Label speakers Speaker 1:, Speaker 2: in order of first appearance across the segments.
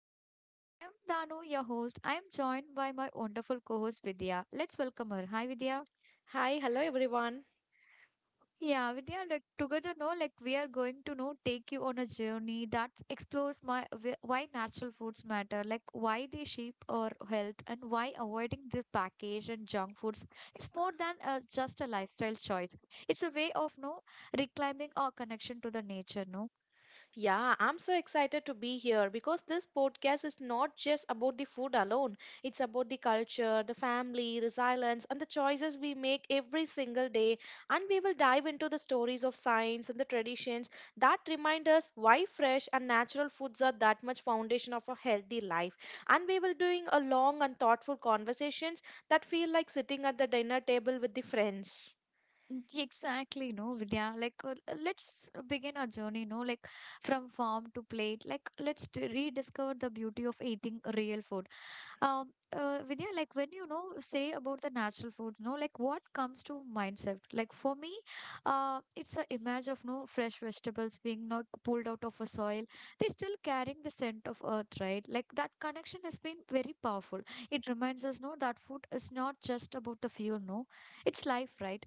Speaker 1: over junk. I am Danu, your host. I am joined by my wonderful co-host Vidya. Let's welcome her. Hi Vidya.
Speaker 2: Hi, hello everyone.
Speaker 1: Yeah, Vidya, like together, no, like we are going to know take you on a journey that explores why natural foods matter, like why they shape our health and why avoiding the packaged and junk foods is more than just a lifestyle choice. It's a way of no reclaiming our connection to the nature, no.
Speaker 2: Yeah, I'm so excited to be here because this podcast is not just about the food alone. It's about the culture, the family, resilience, and the choices we make every single day. And we will dive into the stories of science and the traditions that remind us why fresh and natural foods are that much foundation of a healthy life. And we will doing a long and thoughtful conversations that feel like sitting at the dinner table with the friends.
Speaker 1: Mm, exactly, no, Vidya. Like, let's begin our journey, no, like from farm to plate. Like, let's rediscover the beauty of eating real food. Vidya, like when you know say about the natural food, no, like what comes to mindset? Like for me, it's a image of no fresh vegetables being not pulled out of a soil. They still carrying the scent of earth, right? Like that connection has been very powerful. It reminds us, no, that food is not just about the fuel, no, it's life, right?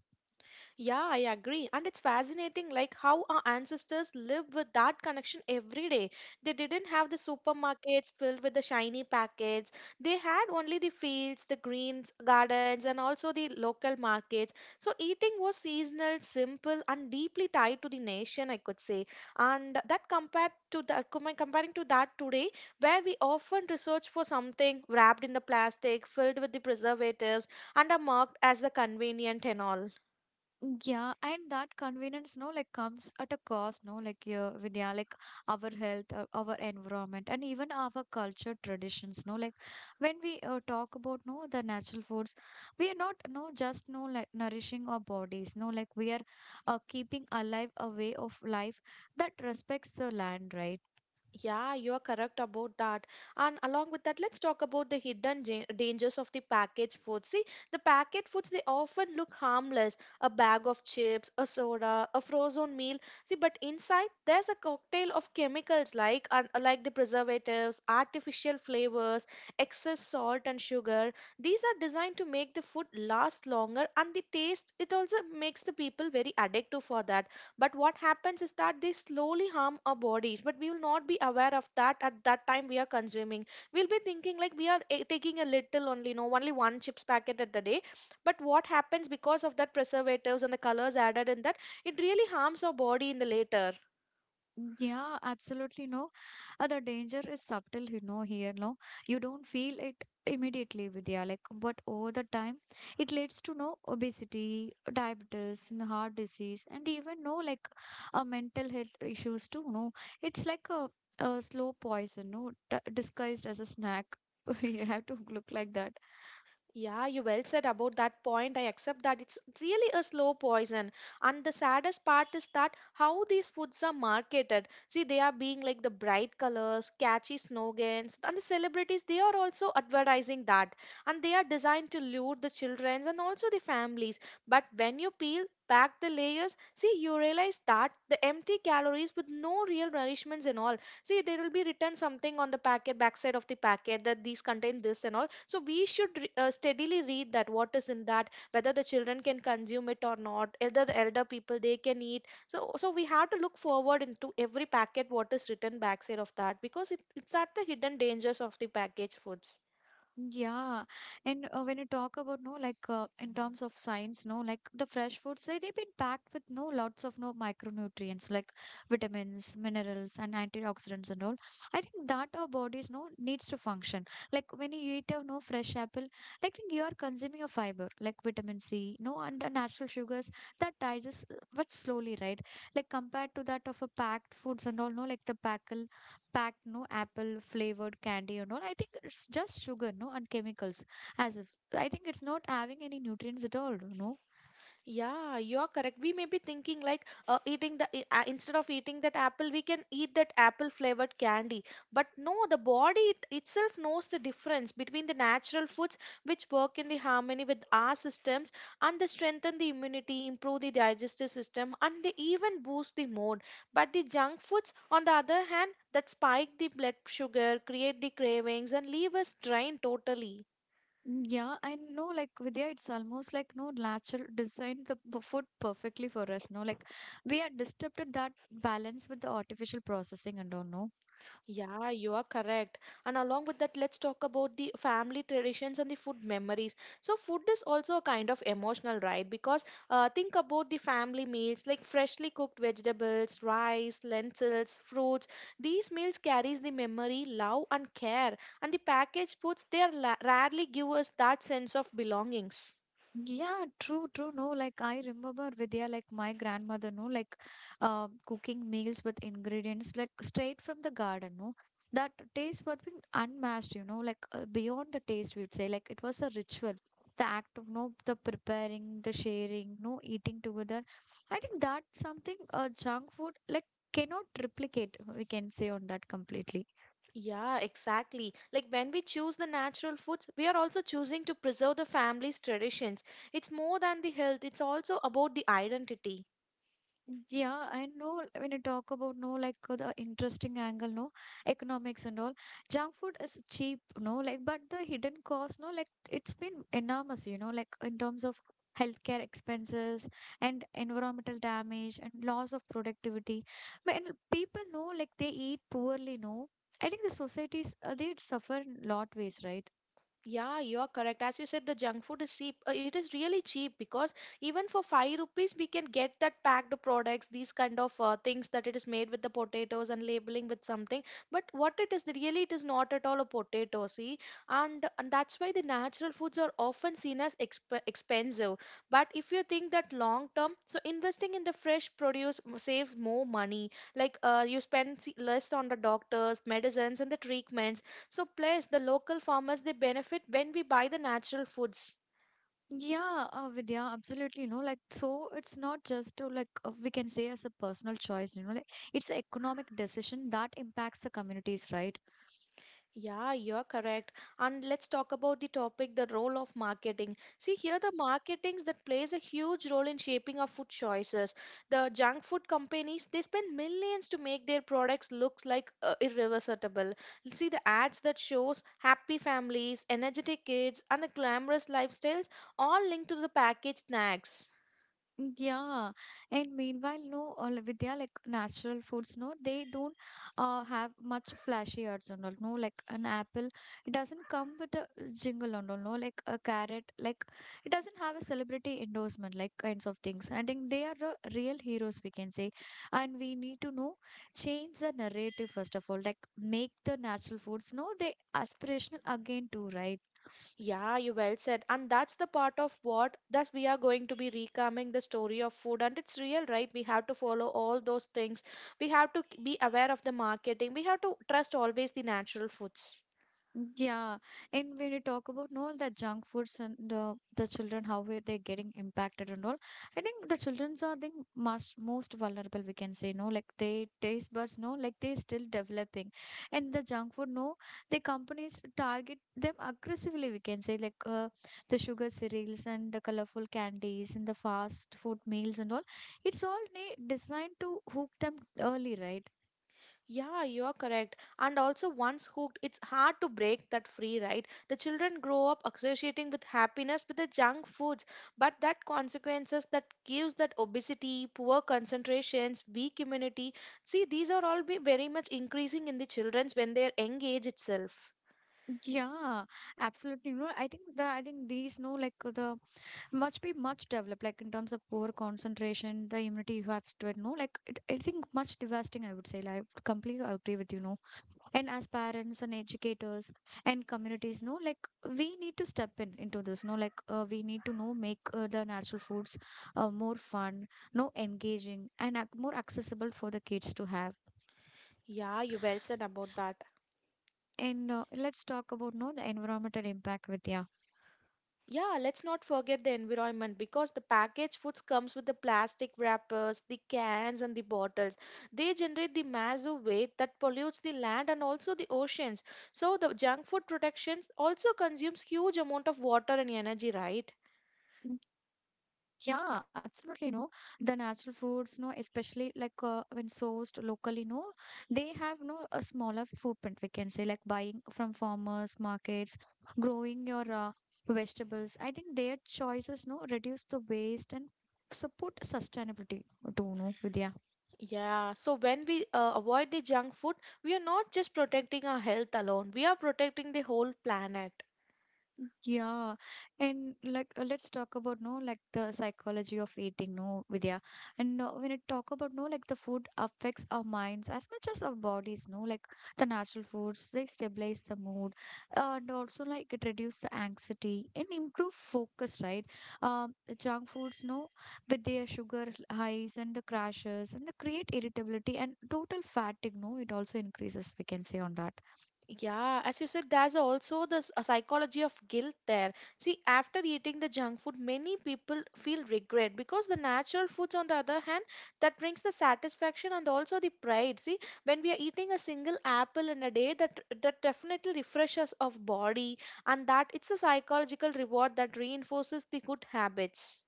Speaker 2: Yeah, I agree. And it's fascinating like how our ancestors live with that connection every day. They didn't have the supermarkets filled with the shiny packets. They had only the fields, the greens, gardens and also the local markets. So eating was seasonal, simple and deeply tied to the nation, I could say. And that compared to the comparing to that today where we often research for something wrapped in the plastic, filled with the preservatives and are marked as the convenient and all.
Speaker 1: Yeah, and that convenience, no, like comes at a cost, no, like yeah, with yeah, like our health, our environment, and even our culture traditions, no, like when we talk about no the natural foods, we are not no just no like nourishing our bodies, no, like we are keeping alive a way of life that respects the land, right?
Speaker 2: Yeah, you are correct about that. And along with that, let's talk about the hidden dangers of the packaged foods. See, the packet foods they often look harmless: a bag of chips, a soda, a frozen meal. See, but inside there's a cocktail of chemicals like and like the preservatives, artificial flavors, excess salt and sugar. These are designed to make the food last longer, and the taste it also makes the people very addicted for that. But what happens is that they slowly harm our bodies, but we will not be aware of that. At that time we are consuming, we'll be thinking like we are taking a little only, no, only one chips packet at the day. But what happens, because of that preservatives and the colors added in that, it really harms our body in the later.
Speaker 1: Yeah, absolutely no. The danger is subtle, you know, here, no. You don't feel it immediately, Vidya, like, but over the time, it leads to no obesity, diabetes, and heart disease, and even no, like, mental health issues too, no. It's like a slow poison, no, d disguised as a snack. You have to look like that.
Speaker 2: Yeah, you well said about that point. I accept that it's really a slow poison. And the saddest part is that how these foods are marketed. See, they are being like the bright colors, catchy slogans, and the celebrities, they are also advertising that. And they are designed to lure the children and also the families. But when you peel back the layers, see, you realize that the empty calories with no real nourishments and all. See, there will be written something on the packet, backside of the packet, that these contain this and all, so we should steadily read that what is in that, whether the children can consume it or not, whether the elder people they can eat. So so we have to look forward into every packet what is written backside of that, because it's at the hidden dangers of the packaged foods.
Speaker 1: Yeah, and when you talk about no, like in terms of science, no, like the fresh foods, they've been packed with no lots of no micronutrients like vitamins, minerals, and antioxidants and all. I think that our bodies no needs to function. Like when you eat a no fresh apple, like think you are consuming a fiber like vitamin C, no, and the natural sugars that digest but slowly, right? Like compared to that of a packed foods and all, no, like the packed no apple flavored candy and all, I think it's just sugar no and chemicals as if I think it's not having any nutrients at all, you know.
Speaker 2: Yeah, you're correct. We may be thinking like eating the instead of eating that apple, we can eat that apple flavored candy. But no, the body itself knows the difference between the natural foods which work in the harmony with our systems, and they strengthen the immunity, improve the digestive system, and they even boost the mood. But the junk foods, on the other hand, that spike the blood sugar, create the cravings, and leave us drained totally.
Speaker 1: Mm, yeah, I know, like Vidya, it's almost like no natural designed the food perfectly for us no like we are disturbed at that balance with the artificial processing and all no.
Speaker 2: Yeah, you are correct. And along with that, let's talk about the family traditions and the food memories. So, food is also a kind of emotional, right? Because think about the family meals like freshly cooked vegetables, rice, lentils, fruits. These meals carries the memory, love, and care. And the packaged foods, they are rarely give us that sense of belongings.
Speaker 1: Yeah, true, true. No, like I remember Vidya, like my grandmother, no, like cooking meals with ingredients like straight from the garden, no. That taste was being unmatched, you know, like beyond the taste, we'd say. Like it was a ritual. The act of, no, the preparing, the sharing, no, eating together. I think that's something junk food like cannot replicate, we can say on that completely.
Speaker 2: Yeah, exactly. Like when we choose the natural foods, we are also choosing to preserve the family's traditions. It's more than the health, it's also about the identity.
Speaker 1: Yeah, I know like, when you talk about no like the interesting angle, no, economics and all. Junk food is cheap, no like, but the hidden cost, no like, it's been enormous, you know, like in terms of healthcare expenses and environmental damage and loss of productivity. But and people know like they eat poorly, no. I think the societies they suffer in lot ways, right?
Speaker 2: Yeah, you are correct. As you said, the junk food is cheap. It is really cheap because even for five rupees, we can get that packed products, these kind of things that it is made with the potatoes and labeling with something. But what it is, really, it is not at all a potato. See, and that's why the natural foods are often seen as expensive. But if you think that long term, so investing in the fresh produce saves more money. Like you spend less on the doctors, medicines, and the treatments. So plus the local farmers they benefit when we buy the natural foods.
Speaker 1: Yeah, Vidya, absolutely. You know, like, so it's not just to, like, we can say as a personal choice, you know, like, it's an economic decision that impacts the communities, right?
Speaker 2: Yeah, you're correct. And let's talk about the topic, the role of marketing. See, here the marketing that plays a huge role in shaping our food choices. The junk food companies they spend millions to make their products look like irreversible. See the ads that shows happy families, energetic kids and the glamorous lifestyles all linked to the packaged snacks.
Speaker 1: Mm, yeah, and meanwhile, no, all Vidya, like natural foods, no, they don't have much flashy ads and all, no, like an apple, it doesn't come with a jingle and all, no, like a carrot, like it doesn't have a celebrity endorsement, like kinds of things. I think they are the real heroes, we can say, and we need to know change the narrative first of all, like make the natural foods, no, they aspirational again too, right?
Speaker 2: Yeah, you well said. And that's the part of what that we are going to be recalming the story of food. And it's real, right? We have to follow all those things. We have to be aware of the marketing. We have to trust always the natural foods.
Speaker 1: Yeah, and when you talk about no the junk foods and the children, how are they getting impacted and all? I think the childrens are the most vulnerable. We can say no, like they taste buds, no, like they still developing, and the junk food, no, the companies target them aggressively. We can say like the sugar cereals and the colorful candies and the fast food meals and all. It's all designed to hook them early, right?
Speaker 2: Yeah, you are correct. And also, once hooked, it's hard to break that free, right? The children grow up associating with happiness with the junk foods, but that consequences that gives that obesity, poor concentrations, weak immunity. See, these are all be very much increasing in the children's when they are young age itself.
Speaker 1: Yeah, absolutely. You know, I think these no like the much be much developed like in terms of poor concentration the immunity you have to it no like it, I think much devastating I would say, like I would completely agree with you no, and as parents and educators and communities no like we need to step in into this no like we need to know make the natural foods more fun no engaging and more accessible for the kids to have.
Speaker 2: Yeah, you well said about that.
Speaker 1: And let's talk about no the environmental impact, Vidya.
Speaker 2: Yeah, let's not forget the environment, because the packaged foods comes with the plastic wrappers, the cans and the bottles. They generate the massive waste that pollutes the land and also the oceans. So the junk food protections also consumes huge amount of water and energy, right?
Speaker 1: Yeah, absolutely. No, the natural foods, no, especially like when sourced locally, no, they have no a smaller footprint, we can say, like buying from farmers markets, growing your vegetables. I think their choices, no, reduce the waste and support sustainability too, no, Vidya.
Speaker 2: Yeah, so when we avoid the junk food, we are not just protecting our health alone. We are protecting the whole planet.
Speaker 1: Yeah, and like let's talk about no like the psychology of eating no Vidya, and when it talk about no like the food affects our minds as much as our bodies no like the natural foods they stabilize the mood and also like it reduce the anxiety and improve focus right. The junk foods no with their sugar highs and the crashes and the create irritability and total fatigue no, it also increases we can say on that.
Speaker 2: Yeah, as you said, there's also this a psychology of guilt there. See, after eating the junk food, many people feel regret, because the natural foods, on the other hand, that brings the satisfaction and also the pride. See, when we are eating a single apple in a day, that that definitely refreshes of body, and that it's a psychological reward that reinforces the good habits.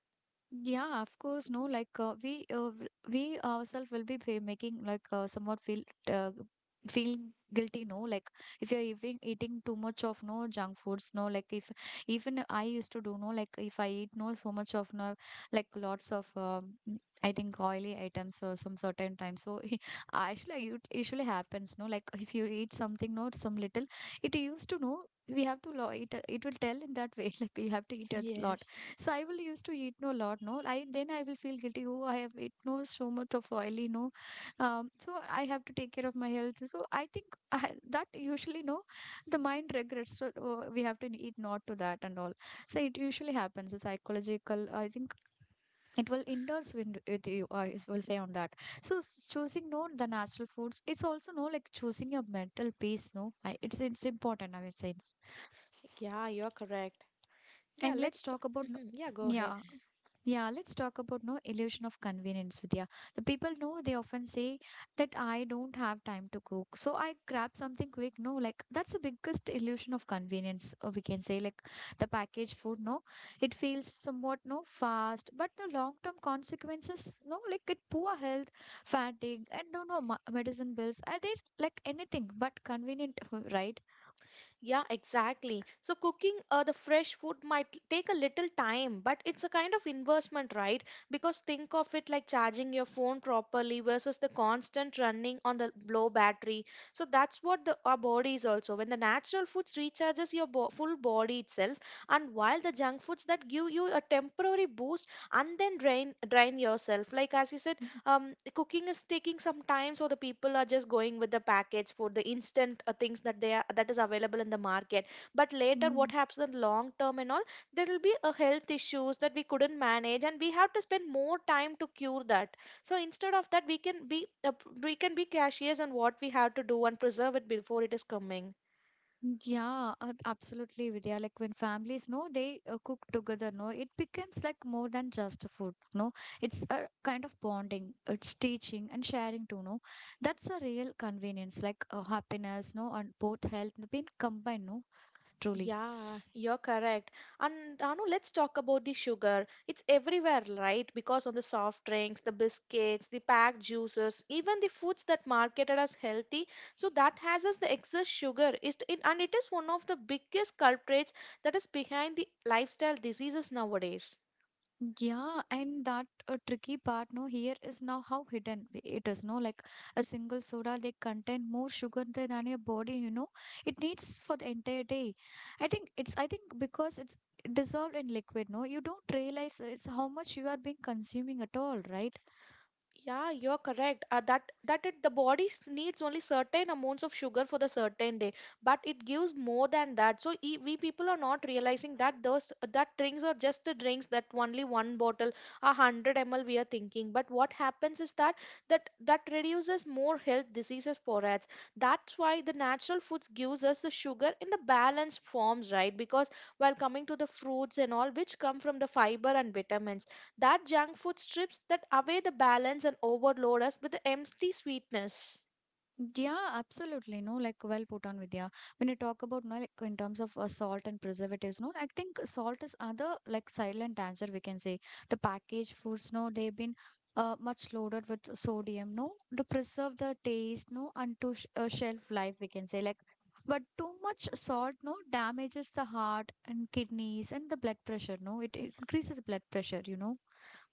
Speaker 1: Yeah, of course, no. Like we ourselves will be making like somewhat feel uh, feeling guilty. No, like if you're even eating too much of no junk foods. No, like if even I used to do no, like if I eat no so much of no, like lots of I think oily items or some certain time. So actually, it usually happens. No, like if you eat something, no, some little, it used to know. We have to it. It will tell in that way. Like you have to eat a lot,
Speaker 2: Yes.
Speaker 1: so I will used to eat no lot, no. I then I will feel guilty. Oh, I have eaten no so much of oily, no. So I have to take care of my health. So I think I, that usually no, the mind regrets. So we have to eat not to that and all. So it usually happens. The psychological. I think it will endorse with you. I will say on that. So choosing no the natural foods. It's also no like choosing your mental peace. No, I, it's important. I mean, sense.
Speaker 2: Yeah, you're correct. Yeah,
Speaker 1: And
Speaker 2: let's.
Speaker 1: let's talk about no,
Speaker 2: Yeah, go ahead.
Speaker 1: yeah. Yeah, let's talk about no illusion of convenience, Vidya. The people know they often say that I don't have time to cook, so I grab something quick. No, like that's the biggest illusion of convenience. Or we can say like the packaged food. No, it feels somewhat no fast, but the long term consequences. No, like it poor health, fatigue, and no no medicine bills. Are they like anything but convenient, right?
Speaker 2: Yeah, exactly. So cooking the fresh food might take a little time, but it's a kind of investment, right? Because think of it like charging your phone properly versus the constant running on the low battery. So that's what the, our body is also. When the natural foods recharges your full body itself, and while the junk foods that give you a temporary boost and then drain yourself. Like as you said, cooking is taking some time, so the people are just going with the package for the instant things that they are that is available in the market. But later, what happens in long term and all, there will be a health issues that we couldn't manage, and we have to spend more time to cure that. So instead of that, we can be cautious on what we have to do and preserve it before it is coming.
Speaker 1: Yeah, absolutely, Vidya. Like when families know they cook together, no, it becomes like more than just a food. No, it's a kind of bonding, it's teaching and sharing too. No, that's a real convenience, like happiness, no, and both health been combined. No, truly.
Speaker 2: Yeah, you're correct. And Anu, let's talk about the sugar. It's everywhere, right? Because on the soft drinks, the biscuits, the packed juices, even the foods that marketed as healthy. So that has us the excess sugar. It is one of the biggest culprits that is behind the lifestyle diseases nowadays.
Speaker 1: Yeah, and that tricky part, no, here is now how hidden it is, no, like a single soda, they contain more sugar than your body, you know, it needs for the entire day. I think it's, I think because it's dissolved in liquid, no, you don't realize it's how much you are being consuming at all, right?
Speaker 2: Yeah, you're correct. That that it the body needs only certain amounts of sugar for the certain day, but it gives more than that. So we people are not realizing that those that drinks are just the drinks that only one bottle, 100 ml we are thinking. But what happens is that that reduces more health diseases for us. That's why the natural foods gives us the sugar in the balanced forms, right? Because while coming to the fruits and all, which come from the fiber and vitamins, that junk food strips that away the balance and overload us with the empty sweetness.
Speaker 1: Yeah, absolutely. No, like well put on, Vidya. When you talk about, no, like in terms of salt and preservatives, no, I think salt is other like silent danger we can say. The packaged foods, no, they've been much loaded with sodium, no, to preserve the taste, no, and to sh shelf life we can say. Like, but too much salt, no, damages the heart and kidneys and the blood pressure, no, it increases the blood pressure, you know.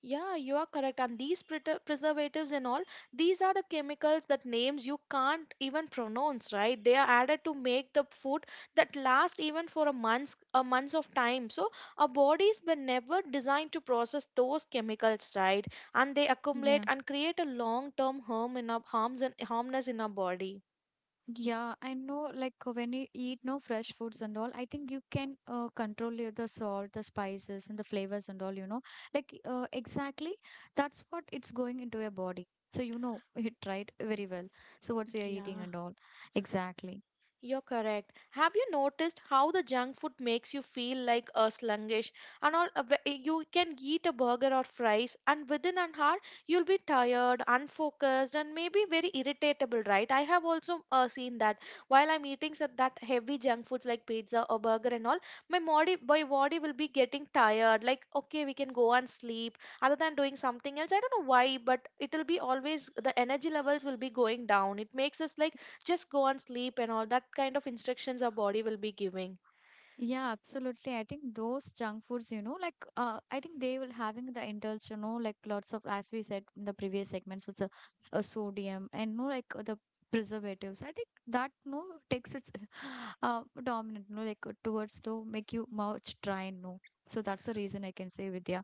Speaker 2: Yeah, you are correct. And these preservatives and all, these are the chemicals that names you can't even pronounce, right? They are added to make the food that last even for a months of time. So our bodies were never designed to process those chemicals, right? And they accumulate
Speaker 1: Yeah.
Speaker 2: and create a long-term harm in our harms and harmness in our body.
Speaker 1: Yeah, I know, like when you eat no fresh foods and all, I think you can control your- the salt, the spices and the flavors and all, you know. Like exactly that's what it's going into your body. So you know it right very well. So what's you're eating
Speaker 2: Yeah.
Speaker 1: and all. Exactly.
Speaker 2: You're correct. Have you noticed how the junk food makes you feel like a sluggish and all? You can eat a burger or fries, and within an hour, you'll be tired, unfocused, and maybe very irritable, right? I have also seen that while I'm eating some, that heavy junk foods like pizza or burger and all, my body will be getting tired. Like, okay, we can go and sleep other than doing something else. I don't know why, but it'll be always the energy levels will be going down. It makes us like just go and sleep and all that kind of instructions our body will be giving.
Speaker 1: Yeah, absolutely. I think those junk foods, you know, like I think they will having the indulge, you know, like lots of as we said in the previous segments with the sodium and no like the preservatives. I think that no takes its dominant, no like towards to make you much dry, no. So that's the reason I can say, Vidya,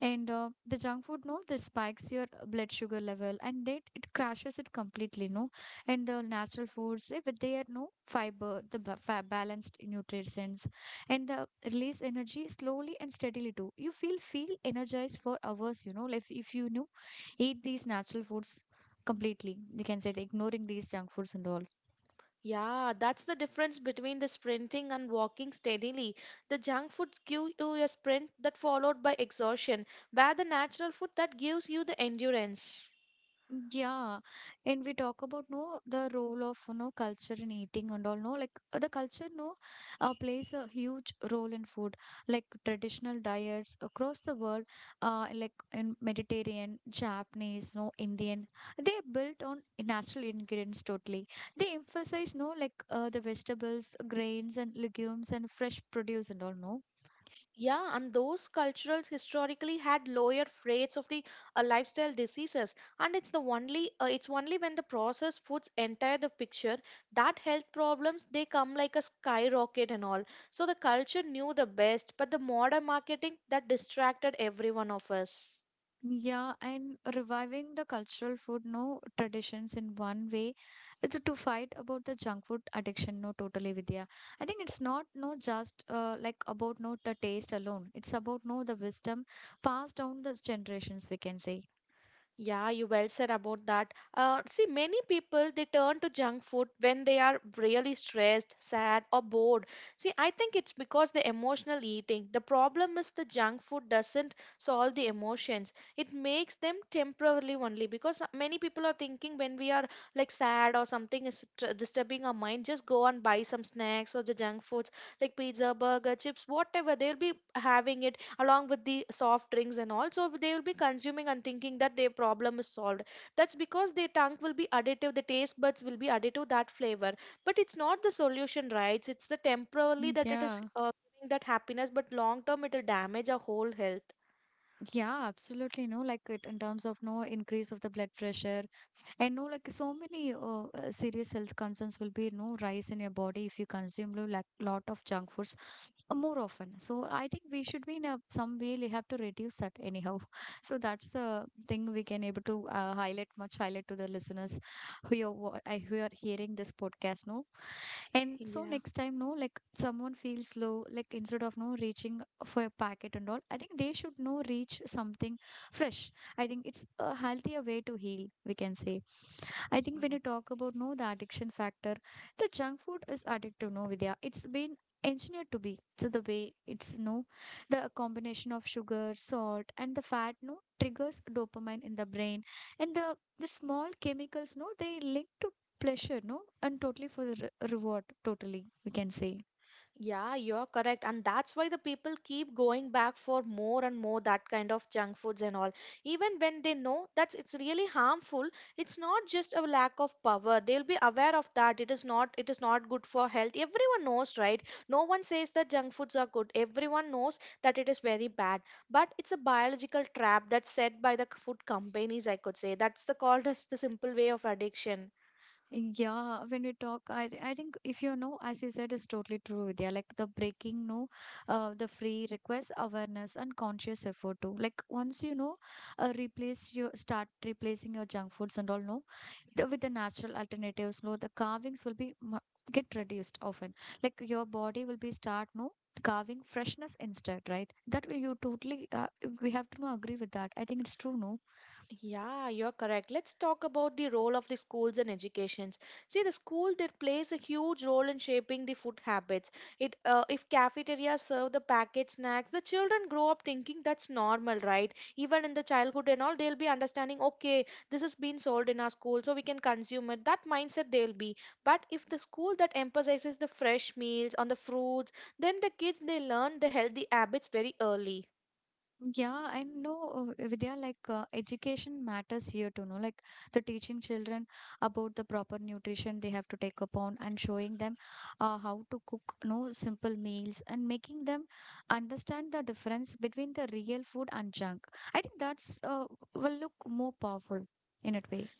Speaker 1: and the junk food no this spikes your blood sugar level and then it crashes it completely, no, and the natural foods, if they are no fiber, the balanced nutrients and the release energy slowly and steadily too, you feel energized for hours, you know, like if you know eat these natural foods completely, you can say, the ignoring these junk foods and all.
Speaker 2: Yeah, that's the difference between the sprinting and walking steadily. The junk food gives you a sprint that followed by exhaustion, where the natural food that gives you the endurance.
Speaker 1: Yeah, and we talk about no the role of, you know, culture in eating and all, no, like the culture no plays a huge role in food, like traditional diets across the world, uh, like in Mediterranean, Japanese, no Indian, they are built on natural ingredients totally. They emphasize no like the vegetables, grains and legumes and fresh produce and all, no.
Speaker 2: Yeah, and those cultures historically had lower rates of the lifestyle diseases, and it's the only it's only when the processed foods enter the picture that health problems they come like a skyrocket and all. So the culture knew the best, but the modern marketing that distracted every one of us.
Speaker 1: Yeah, and reviving the cultural food, no traditions in one way, it's to fight about the junk food addiction, no totally, Vidya. I think it's not no just like about no the taste alone. It's about no the wisdom passed down the generations, we can say.
Speaker 2: Yeah, you well said about that. See, many people they turn to junk food when they are really stressed, sad, or bored. See, I think it's because the emotional eating. The problem is the junk food doesn't solve the emotions. It makes them temporarily only because many people are thinking when we are like sad or something is disturbing our mind, just go and buy some snacks or the junk foods like pizza, burger, chips, whatever. They'll be having it along with the soft drinks and all. So they will be consuming and thinking that their problem is solved. That's because their tongue will be additive, the taste buds will be additive that flavor. But it's not the solution, right? It's the temporarily that it is
Speaker 1: Yeah.
Speaker 2: giving that happiness, but long term it will damage our whole health.
Speaker 1: Yeah, absolutely. No, like it in terms of no increase of the blood pressure, and no, like so many serious health concerns will be no rise in your body if you consume like lot of junk foods more often. So I think we should be in a, some way we have to reduce that anyhow. So that's the thing we can able to highlight to the listeners who are who are hearing this podcast. No, and so
Speaker 2: Yeah.
Speaker 1: next time, no, like someone feels low, like instead of no reaching for a packet and all, I think they should no reach something fresh. I think it's a healthier way to heal, we can say. I think when you talk about no the addiction factor, the junk food is addictive, no Vidya. It's been engineered to be. So the way it's no the combination of sugar, salt, and the fat no triggers dopamine in the brain. And the small chemicals no they link to pleasure, no? And totally for the reward, totally, we can say.
Speaker 2: Yeah, you're correct. And that's why the people keep going back for more and more that kind of junk foods and all. Even when they know that it's really harmful, it's not just a lack of power. They'll be aware of that. It is not good for health. Everyone knows, right? No one says that junk foods are good. Everyone knows that it is very bad. But it's a biological trap that's set by the food companies, I could say. That's the called as the simple way of addiction.
Speaker 1: Yeah, when we talk, I think if you know, as you said, is totally true, Vidya. Like the breaking, no, the free request, awareness, and conscious effort too. Like once you know, replace your start replacing your junk foods and all, no, the, with the natural alternatives, no, the carvings will be get reduced often. Like your body will be start, no, carving freshness instead, right? That way you totally, we have to no, agree with that. I think it's true, no.
Speaker 2: Yeah, you're correct. Let's talk about the role of the schools and educations. See, the school that plays a huge role in shaping the food habits. It if cafeterias serve the packet snacks, the children grow up thinking that's normal, right? Even in the childhood and all, they'll be understanding, okay, this has been sold in our school, so we can consume it. That mindset they'll be. But if the school that emphasizes the fresh meals on the fruits, then the kids they learn the healthy habits very early.
Speaker 1: Yeah, I know, Vidya, like education matters here too, no? Like the teaching children about the proper nutrition they have to take upon and showing them how to cook, no, simple meals and making them understand the difference between the real food and junk. I think that's will look more powerful in a way.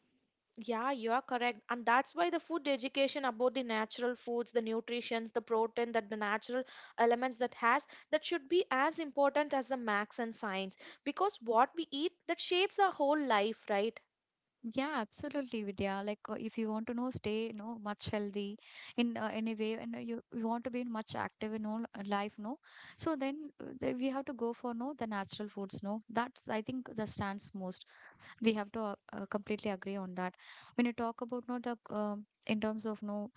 Speaker 2: Yeah, you are correct. And that's why the food education about the natural foods, the nutritions, the protein, that the natural elements that has that should be as important as the max and science. Because what we eat that shapes our whole life, right?
Speaker 1: Yeah, absolutely, Vidya. Like, if you want to know, stay, you know, much healthy in any way, and you want to be much active in all life, no. So then we have to go for no the natural foods, no. That's, I think, the stands most. We have to completely agree on that. When you talk about no the in terms of no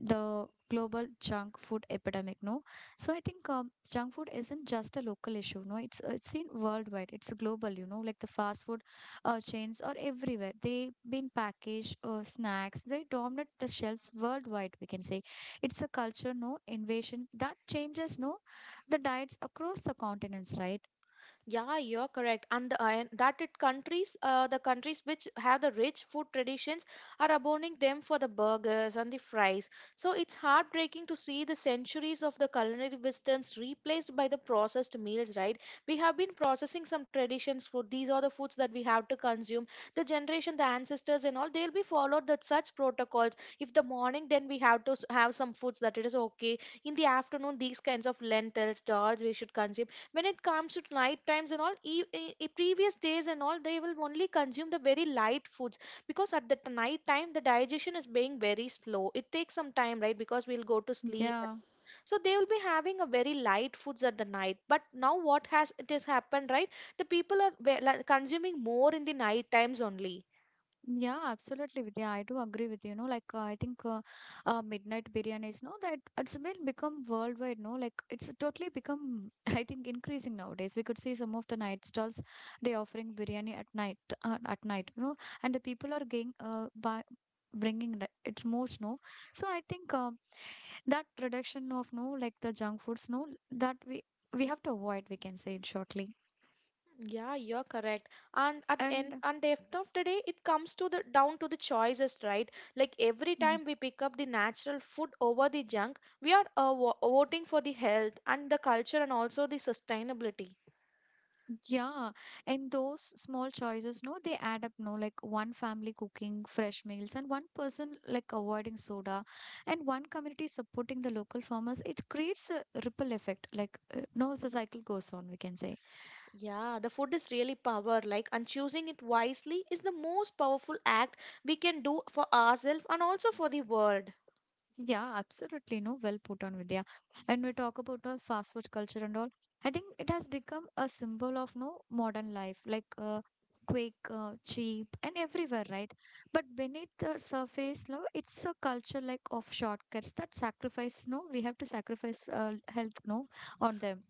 Speaker 1: the global junk food epidemic, no, so I think junk food isn't just a local issue, no, it's it's seen worldwide, it's global, you know, like the fast food chains are everywhere, they have been packaged snacks, they dominate the shelves worldwide, we can say. It's a culture no invasion that changes no the diets across the continents, right?
Speaker 2: Yeah, you're correct. And the, and that it countries, the countries which have the rich food traditions are abounding them for the burgers and the fries. So it's heartbreaking to see the centuries of the culinary wisdoms replaced by the processed meals, right? We have been processing some traditions food. These are the foods that we have to consume. The generation, the ancestors and all, they'll be followed that such protocols. If the morning, then we have to have some foods that it is okay. In the afternoon, these kinds of lentils, dals we should consume when it comes to night times and all previous days and all, they will only consume the very light foods because at the night time the digestion is being very slow. It takes some time, right? Because we'll go to sleep,
Speaker 1: Yeah.
Speaker 2: so they will be having a very light foods at the night. But now what has it has happened, right? The people are like, consuming more in the night times only.
Speaker 1: Yeah, absolutely, Vidya. I do agree with you. No, like I think midnight biryanis, no, that it's been become worldwide. No, like it's totally become. I think increasing nowadays. We could see some of the night stalls they offering biryani at night. At night, no, and the people are getting by bringing the- it's more no. So I think that reduction of no like the junk foods, no, that we have to avoid. We can say it shortly
Speaker 2: Yeah, you're correct. And at the end
Speaker 1: and.
Speaker 2: and after of the day, it comes to the down to the choices, right? Like every
Speaker 1: Mm-hmm.
Speaker 2: time we pick up the natural food over the junk, we are voting for the health and the culture and also the sustainability.
Speaker 1: Yeah, and those small choices, no, they add up, no, like one family cooking fresh meals and one person like avoiding soda and one community supporting the local farmers. It creates a ripple effect, like no, the cycle goes on, we can say.
Speaker 2: Yeah, the food is really power, like, and choosing it wisely is the most powerful act we can do for ourselves and also for the world.
Speaker 1: Yeah, absolutely. No, well put on, Vidya. And we talk about the fast food culture and all. I think it has become a symbol of no modern life, like quick, cheap, and everywhere, right? But beneath the surface, no, it's a culture like of shortcuts that sacrifice. No, we have to sacrifice health, no, on them.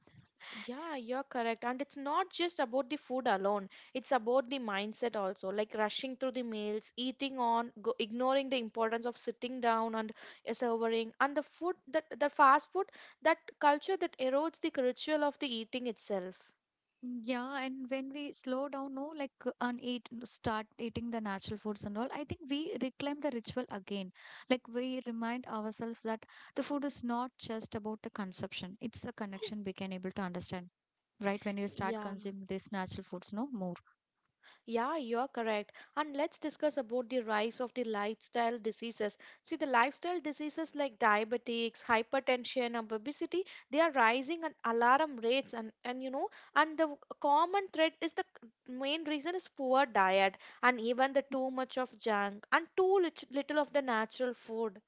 Speaker 2: Yeah, you're correct. And it's not just about the food alone, it's about the mindset also, like rushing through the meals, eating on, go, ignoring the importance of sitting down and serving. And the food, that the fast food, that culture that erodes the ritual of the eating itself.
Speaker 1: Yeah, and when we slow down, no, like and start eating the natural foods and all, I think we reclaim the ritual again. Like we remind ourselves that the food is not just about the consumption; it's a connection we can able to understand, right? When you start
Speaker 2: Yeah.
Speaker 1: consuming these natural foods, no more.
Speaker 2: Yeah, you're correct. And let's discuss about the rise of the lifestyle diseases. See, the lifestyle diseases like diabetics, hypertension, and obesity, they are rising at alarm rates and you know, and the common thread is the main reason is poor diet and even the too much of junk and too little of the natural food.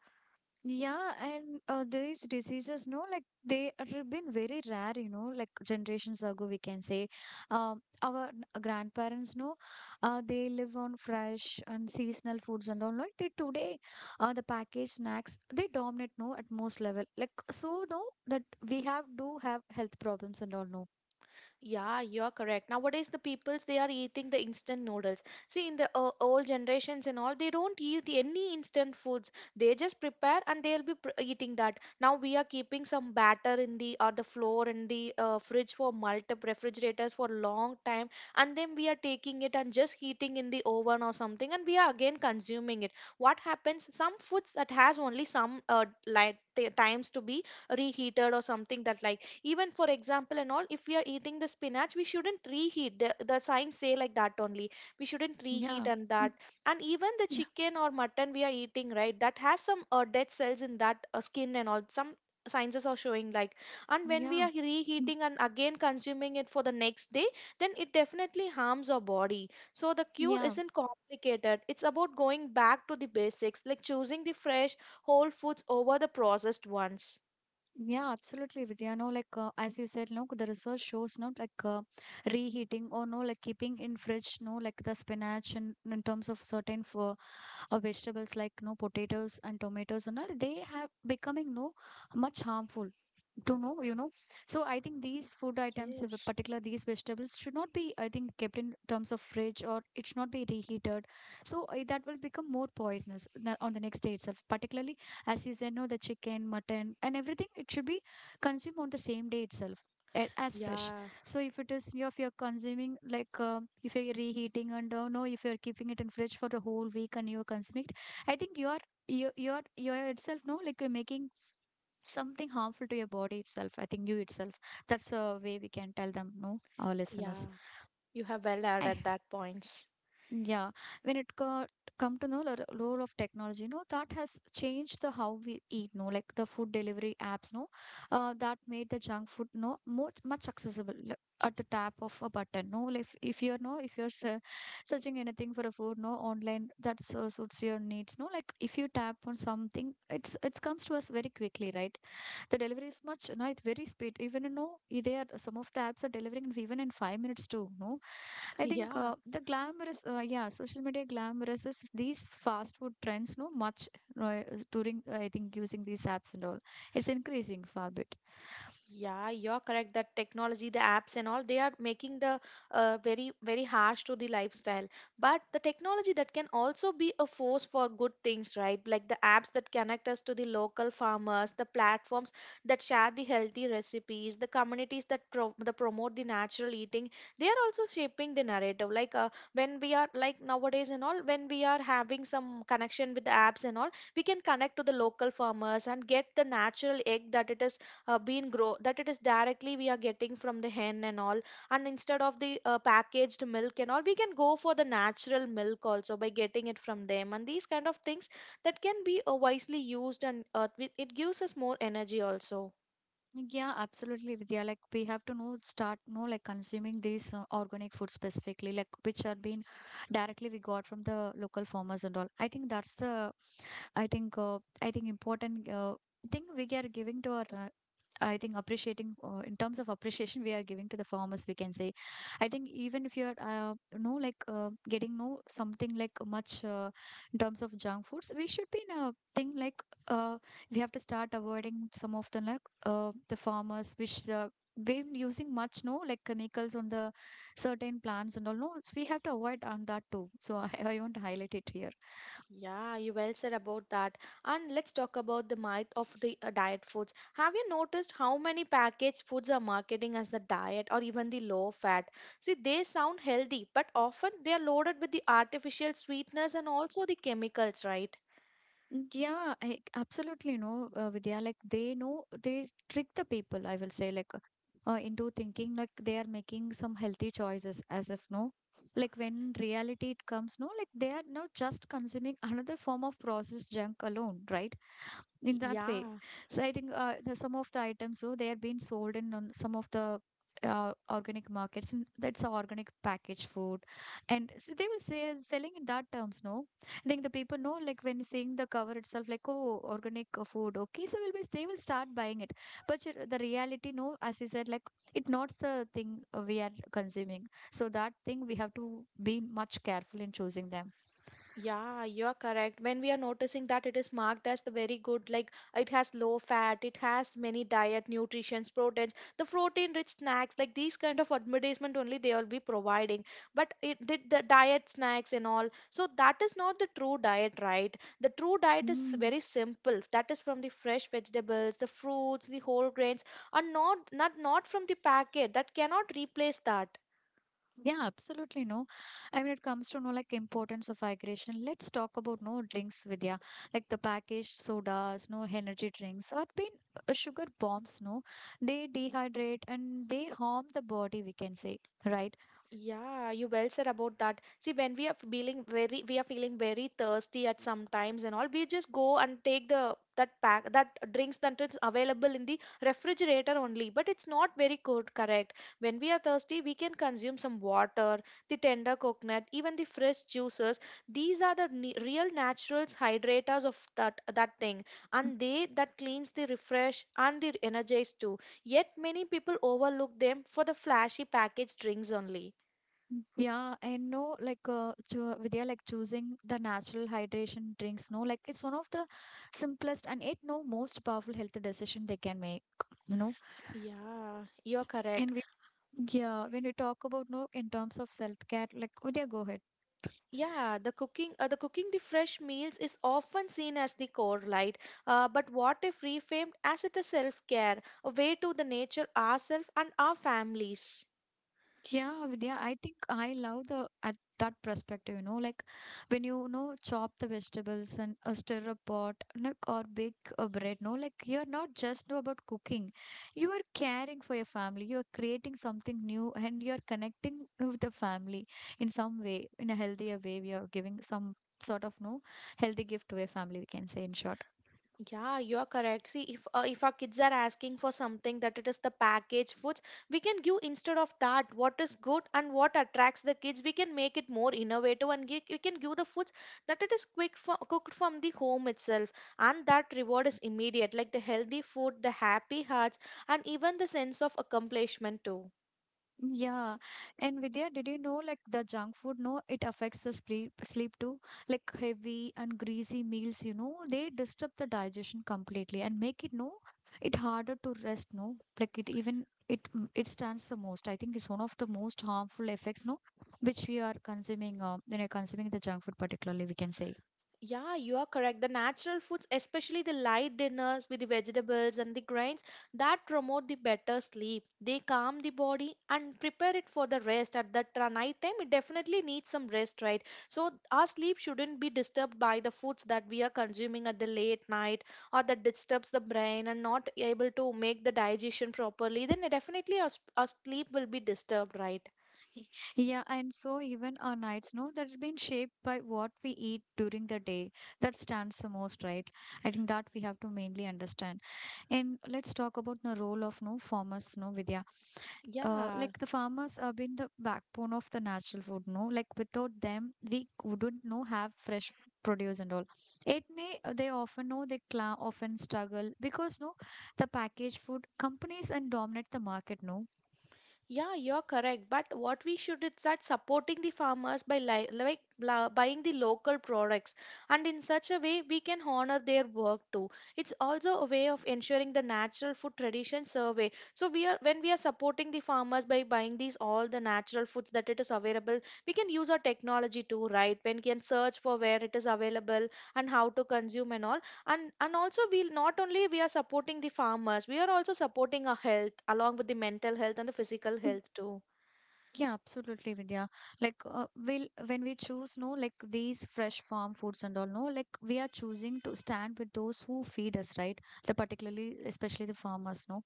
Speaker 1: Yeah, and these diseases, no, like they have been very rare, you know, like generations ago, we can say. Our grandparents, no, they live on fresh and seasonal foods and all. Like they today, the packaged snacks they dominate, no, at most level. Like so, no, that we have do have health problems and all, no.
Speaker 2: Yeah, you are correct. Nowadays, the peoples they are eating the instant noodles. See, in the old generations and all, they don't eat any instant foods. They just prepare and they'll be pr eating that. Now we are keeping some batter in the or the floor in the fridge for multiple refrigerators for long time, and then we are taking it and just heating in the oven or something, and we are again consuming it. What happens? Some foods that has only some light times to be reheated or something that like, even for example and all, if we are eating the spinach, we shouldn't reheat the signs say like that only we shouldn't
Speaker 1: Yeah,
Speaker 2: reheat and that. And even the
Speaker 1: yeah,
Speaker 2: chicken or mutton we are eating, right, that has some dead cells in that skin and all. Some sciences are showing like, and when we
Speaker 1: yeah,
Speaker 2: are
Speaker 1: Mm,
Speaker 2: reheating and again consuming it for the next day, then it definitely harms our body. So the cure
Speaker 1: yeah.
Speaker 2: isn't complicated. It's about going back to the basics, like choosing the fresh whole foods over the processed ones.
Speaker 1: Yeah, absolutely, Vidya. No, like as you said, no, the research shows, no, like reheating or no, like keeping in fridge, no, like the spinach and in terms of certain for vegetables like no potatoes and tomatoes and all, they have becoming no much harmful to know, you know. So I think these food items, in
Speaker 2: Yes.
Speaker 1: particular these vegetables, should not be, I think, kept in terms of fridge or it should not be reheated. So that will become more poisonous on the next day itself, particularly. As you said, no, the chicken, mutton and everything, it should be consumed on the same day itself, as fresh.
Speaker 2: Yeah.
Speaker 1: So if it is, if you're consuming like if you're reheating and no, if you're keeping it in fridge for the whole week and you're consuming it, I think you're you're itself, no, like you're making something harmful to your body itself. I think you itself. That's a way we can tell them, no, our
Speaker 2: Yeah,
Speaker 1: listeners.
Speaker 2: you have well
Speaker 1: I
Speaker 2: added that points.
Speaker 1: yeah, when it got come to know the role of technology, no, that has changed the how we eat, no, like the food delivery apps, no, that made the junk food, no, much accessible like, at the tap of a button, no, like if you're no, if you're searching anything for a food, no, online that suits your needs, no, like if you tap on something, it comes to us very quickly, right? The delivery is much, no, it's very speed. Even, you know, they are, some of the apps are delivering even in 5 minutes too, no? I think
Speaker 2: Yeah.
Speaker 1: the glamorous, yeah, social media glamorous is these fast food trends, no, much uh, during, I think, using these apps and all. It's increasing far bit.
Speaker 2: Yeah, you're correct that technology, the apps and all, they are making the very, very harsh to the lifestyle. But the technology that can also be a force for good things, right? Like the apps that connect us to the local farmers, the platforms that share the healthy recipes, the communities that promote the natural eating, they are also shaping the narrative. Like when we are like nowadays and all, when we are having some connection with the apps and all, we can connect to the local farmers and get the natural egg that it is been grow that it is directly we are getting from the hen and all, and instead of the packaged milk and all, we can go for the natural milk also by getting it from them, and these kind of things that can be wisely used, and it gives us more energy also.
Speaker 1: Yeah, absolutely, Vidya. Like we have to know start know like consuming these organic food specifically, like which are being directly we got from the local farmers and all. I think that's the I think important thing we are giving to our I think appreciating in terms of appreciation we are giving to the farmers, we can say. I think even if you're no like getting no something like much in terms of junk foods, we should be in a thing like uh, we have to start avoiding some of the like the farmers which been using much no like chemicals on the certain plants and all, no, so we have to avoid on that too. So I want to highlight it here.
Speaker 2: Yeah, you well said about that. And let's talk about the myth of the diet foods. Have you noticed how many packaged foods are marketing as the diet or even the low fat? See, they sound healthy, but often they are loaded with the artificial sweeteners and also the chemicals, right?
Speaker 1: Mm, yeah, I absolutely know, vidya, like they know they trick the people, I will say, like into thinking like they are making some healthy choices, as if no, like when reality it comes, no, like they are now just consuming another form of processed junk alone, right, in that way.
Speaker 2: Yeah.
Speaker 1: So I think some of the items, so they are being sold in on some of the organic markets, and that's a organic packaged food, and so they were say, selling in that terms. No, I think the people know, like when seeing the cover itself, like oh, organic food, okay, so will be they will start buying it. But the reality, no, as you said, like it not the thing we are consuming. So that thing we have to be much careful in choosing them.
Speaker 2: Yeah, you're correct. When we are noticing that it is marked as the very good, like it has low fat, it has many diet, nutrition, proteins, the protein-rich snacks, like these kind of advertisement only they will be providing. But it did the diet snacks and all. So that is not the true diet, right? The true diet is
Speaker 1: Mm.
Speaker 2: very simple. That is from the fresh vegetables, the fruits, the whole grains, and not from the packet. That cannot replace that.
Speaker 1: Yeah, absolutely no. I mean, it comes to know like importance of hydration. Let's talk about no drinks, Vidya, like the packaged sodas, no energy drinks, or been sugar bombs. No, they dehydrate and they harm the body, we can say, right?
Speaker 2: Yeah, you well said about that. See, when we are feeling very, we are feeling very thirsty at some times and all, we just go and take the that pack that drinks that is available in the refrigerator only. But it's not very good, correct. When we are thirsty, we can consume some water, the tender coconut, even the fresh juices. These are the real natural hydrators of that thing,
Speaker 1: Mm.
Speaker 2: and they that cleans the refresh and the energize too. Yet many people overlook them for the flashy packaged drinks only.
Speaker 1: Yeah, and no, like cho Vidya, like choosing the natural hydration drinks. No, like it's one of the simplest and it no most powerful health decision they can make, you know.
Speaker 2: Yeah, you're
Speaker 1: and
Speaker 2: correct.
Speaker 1: we yeah, when we talk about no in terms of self care, like Vidya, go ahead.
Speaker 2: Yeah, the cooking, the cooking the fresh meals is often seen as the core, right? But what if reframed as it a self-care, a way to the nature, ourselves, and our families?
Speaker 1: Yeah, Vidya, I think I love the at that perspective, you know, like when you know, chop the vegetables and stir a pot like, or bake a bread, no, like you're not just know about cooking. You are caring for your family. You are creating something new and you're connecting with the family in some way, in a healthier way. We are giving some sort of no healthy gift to a family, we can say in short.
Speaker 2: Yeah, you are correct. See, if our kids are asking for something that it is the packaged foods, we can give instead of that what is good and what attracts the kids. We can make it more innovative and you can give the foods that it is quick for, cooked from the home itself, and that reward is immediate, like the healthy food, the happy hearts, and even the sense of accomplishment too.
Speaker 1: Yeah, and Vidya, did you know like the junk food? No, it affects the sleep too. Like heavy and greasy meals, you know, they disturb the digestion completely and make it no, it harder to rest. No, like it even it mm, it stands the most. I think it's one of the most harmful effects. No, which we are consuming. When you're consuming the junk food, particularly, we can say.
Speaker 2: Yeah, you are correct. The natural foods, especially the light dinners with the vegetables and the grains, that promote the better sleep. They calm the body and prepare it for the rest at the night time. It definitely needs some rest, right? So our sleep shouldn't be disturbed by the foods that we are consuming at the late night, or that disturbs the brain and not able to make the digestion properly. Then definitely our sleep will be disturbed, right?
Speaker 1: Yeah, and so even our nights, no, that has been shaped by what we eat during the day. That stands the most, right? I think that we have to mainly understand. And let's talk about the role of no farmers, no Vidya.
Speaker 2: Yeah.
Speaker 1: Like the farmers have been the backbone of the natural food, no. Like without them, we wouldn't no have fresh produce and all. It may they often know they cla often struggle because no, the packaged food companies and dominate the market, no.
Speaker 2: Yeah, you're correct. But what we should is that supporting the farmers by li like la- buying the local products, and in such a way we can honor their work too. It's also a way of ensuring the natural food tradition survey. So we are when we are supporting the farmers by buying these all the natural foods that it is available, we can use our technology too, right? When we can search for where it is available and how to consume and all. And also, we not only we are supporting the farmers, we are also supporting our health along with the mental health and the physical health too.
Speaker 1: Yeah, absolutely, Vidya. Like, when we choose, no, like these fresh farm foods and all, no, like we are choosing to stand with those who feed us, right? The particularly, especially the farmers, no.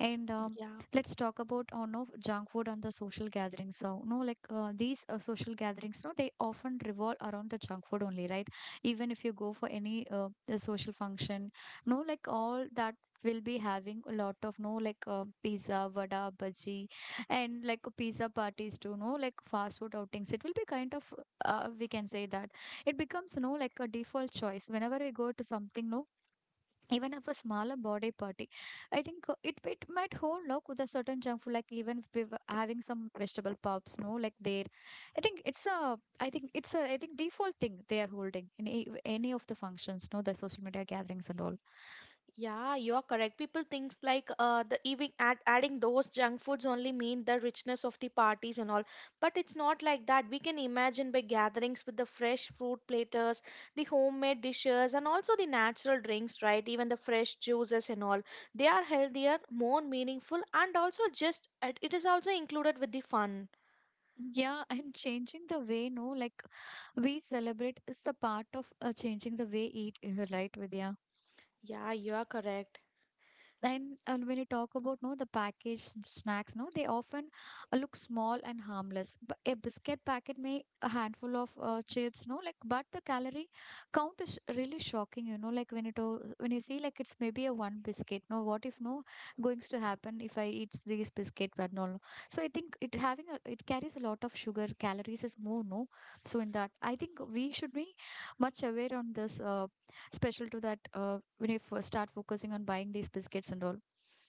Speaker 1: And
Speaker 2: Yeah,
Speaker 1: Let's talk about oh no junk food and the social gatherings. So no, like these social gatherings, no, they often revolve around the junk food only, right? Even if you go for any the social function, no, like all that will be having a lot of no like pizza, vada, bhaji, and like pizza parties too. No, like fast food outings. It will be kind of we can say that it becomes no like a default choice whenever we go to something no, even if a smaller body party, i think it might hold no with a certain junk food, like even if we were having some vegetable pops no, like there I think it's a I think it's a I think default thing they are holding in any of the functions no, the social media gatherings and all.
Speaker 2: yeah, you are correct. People thinks like the even adding those junk foods only mean the richness of the parties and all. But it's not like that. We can imagine by gatherings with the fresh fruit platters, the homemade dishes, and also the natural drinks, right? Even the fresh juices and all, they are healthier, more meaningful, and also just it is also included with the fun.
Speaker 1: Yeah, and changing the way no like we celebrate is the part of changing the way eat, right Vidya.
Speaker 2: Yeah, you are correct.
Speaker 1: And when you talk about no the packaged snacks, no, they often look small and harmless, but a biscuit packet may a handful of chips no, like but the calorie count is really shocking, you know, like when when you see like it's maybe a one biscuit no, what if no goings to happen if I eat these biscuit, but no no. So I think it having it carries a lot of sugar calories is more no. So in that I think we should be much aware on this special to that when you first start focusing on buying these biscuits and all.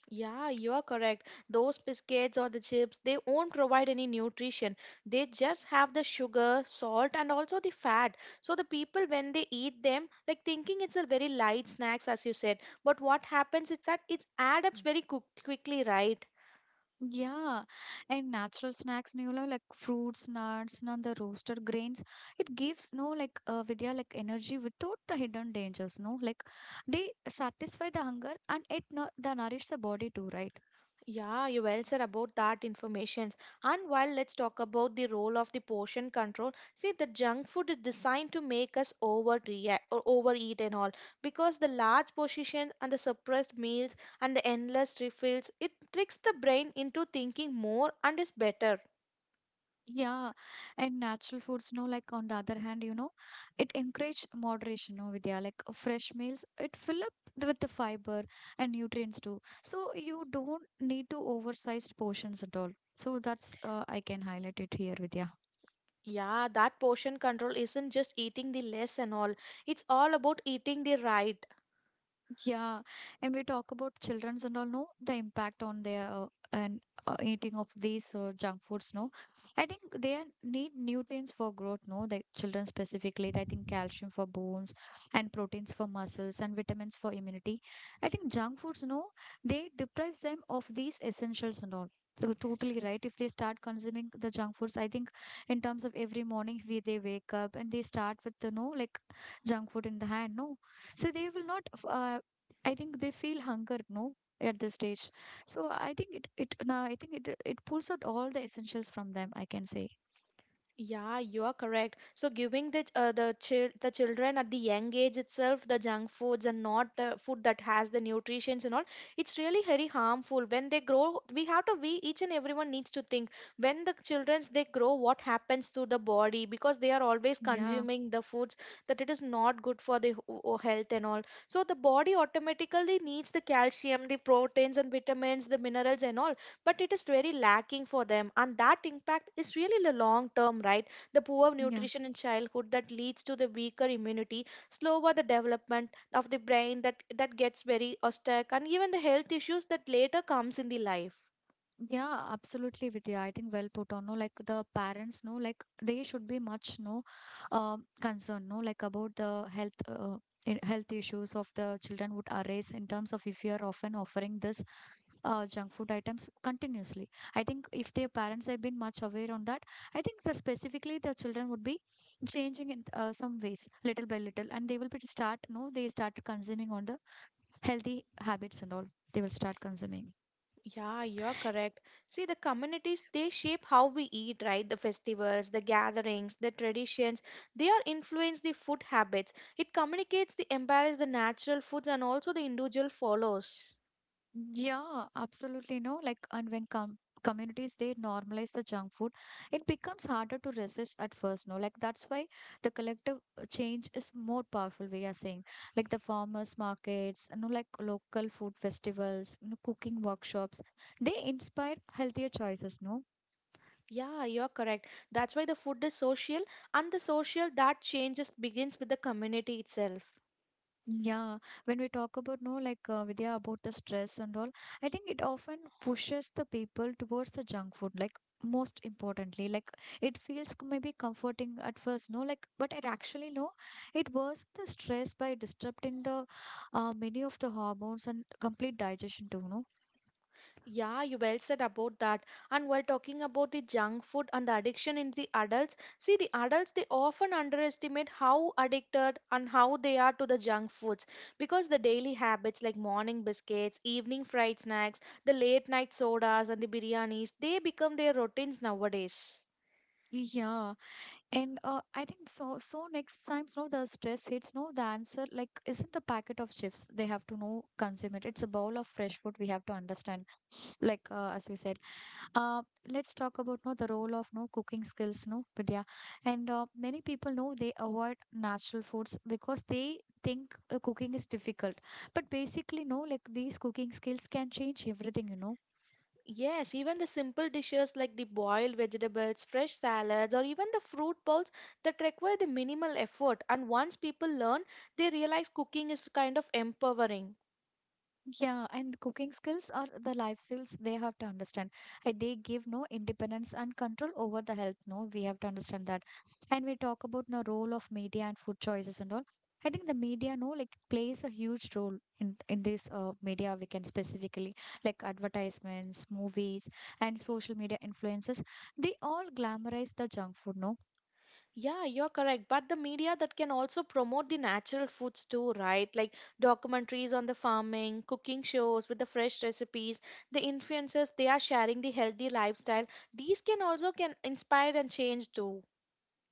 Speaker 2: Yeah, you are correct. Those biscuits or the chips, they won't provide any nutrition. They just have the sugar, salt, and also the fat. So the people, when they eat them, like thinking it's a very light snacks, as you said. But what happens is that it adds up very quickly, right?
Speaker 1: Yeah, and natural snacks, you know, like fruits, nuts, and the roasted grains. It gives no like Vidya like energy without the hidden dangers. No, like they satisfy the hunger and the nourish the body too, right?
Speaker 2: Yeah, you well said about that information. And while let's talk about the role of the portion control, see the junk food is designed to make us overreact or overeat and all, because the large portion and the suppressed meals and the endless refills, it tricks the brain into thinking more and is better.
Speaker 1: Yeah, and natural foods, no, like on the other hand, you know, it encourage moderation, no, Vidya, like fresh meals, it fill up with the fiber and nutrients too. So you don't need to oversized portions at all. So that's, I can highlight it here, Vidya.
Speaker 2: Yeah, that portion control isn't just eating the less and all. It's all about eating the right.
Speaker 1: Yeah, and we talk about childrens and all, no, the impact on their and eating of these junk foods, no. I think they are- need nutrients for growth, no. The children specifically, I think calcium for bones and proteins for muscles and vitamins for immunity. I think junk foods, no, they deprives them of these essentials and all. So totally right. If they start consuming the junk foods, I think in terms of every morning we they wake up and they start with the no like junk food in the hand, no, so they will not I think they feel hunger, no, at this stage. So I think it it now I think it it pulls out all the essentials from them, I can say,
Speaker 2: Yeah, you are correct. So giving the children at the young age itself the junk foods and not the food that has the nutrients and all, it's really very harmful. When they grow, we have to we each and everyone needs to think, when the childrens they grow, what happens to the body because they are always
Speaker 1: yeah,
Speaker 2: consuming the foods that it is not good for the health and all. So the body automatically needs the calcium, the proteins and vitamins, the minerals and all, but it is very lacking for them, and that impact is really the long term, right? The poor
Speaker 1: yeah.
Speaker 2: nutrition in childhood that leads to the weaker immunity, slower the development of the brain, that gets very stuck, and even the health issues that later comes in the life.
Speaker 1: Yeah, absolutely, Vidya. I think well put on. No, like the parents no, like they should be much no concerned, no, like about the health health issues of the children would arise in terms of if you are often offering this junk food items continuously. I think if their parents have been much aware on that, I think the specifically the children would be changing in some ways, little by little, and they will be start. No, they start consuming on the healthy habits and all. They will start consuming.
Speaker 2: Yeah, you're correct. See, the communities, they shape how we eat, right? The festivals, the gatherings, the traditions, they are influence the food habits. It communicates the embrace the natural foods and also the individual follows.
Speaker 1: Yeah, absolutely. No, like, and when communities they normalize the junk food, it becomes harder to resist at first. No, like that's why the collective change is more powerful, we are saying, like the farmers markets, you know, like local food festivals, you know, cooking workshops, they inspire healthier choices, no.
Speaker 2: Yeah, you're correct. That's why the food is social, and the social that changes begins with the community itself.
Speaker 1: Yeah, when we talk about no, like Vidya, about the stress and all, I think it often pushes the people towards the junk food. Like most importantly, like it feels maybe comforting at first, no, like but it actually no, it worsens the stress by disrupting the many of the hormones and complete digestion too, no.
Speaker 2: Yeah, you well said about that. And while talking about the junk food and the addiction in the adults, see the adults they often underestimate how addicted and how they are to the junk foods, because the daily habits like morning biscuits, evening fried snacks, the late night sodas and the biryanis, they become their routines nowadays.
Speaker 1: Yeah, and I think so. So next times, no, the stress hits, no, the answer like isn't the packet of chips. They have to no consume it. It's a bowl of fresh food. We have to understand, like as we said, uh, let's talk about no the role of no cooking skills no Vidya. And many people know they avoid natural foods because they think cooking is difficult, but basically no like these cooking skills can change everything, you know.
Speaker 2: Yes, even the simple dishes like the boiled vegetables, fresh salads, or even the fruit bowls that require the minimal effort. And once people learn, they realize cooking is kind of empowering.
Speaker 1: Yeah, and cooking skills are the life skills they have to understand. They give no independence and control over the health. No, we have to understand that. And we talk about the role of media and food choices and all. I think the media, no, like plays a huge role in this media. We can specifically like advertisements, movies, and social media influences. They all glamorize the junk food, no.
Speaker 2: Yeah, you're correct. But the media that can also promote the natural foods too, right? Like documentaries on the farming, cooking shows with the fresh recipes, the influencers they are sharing the healthy lifestyle. These can also can inspire and change too.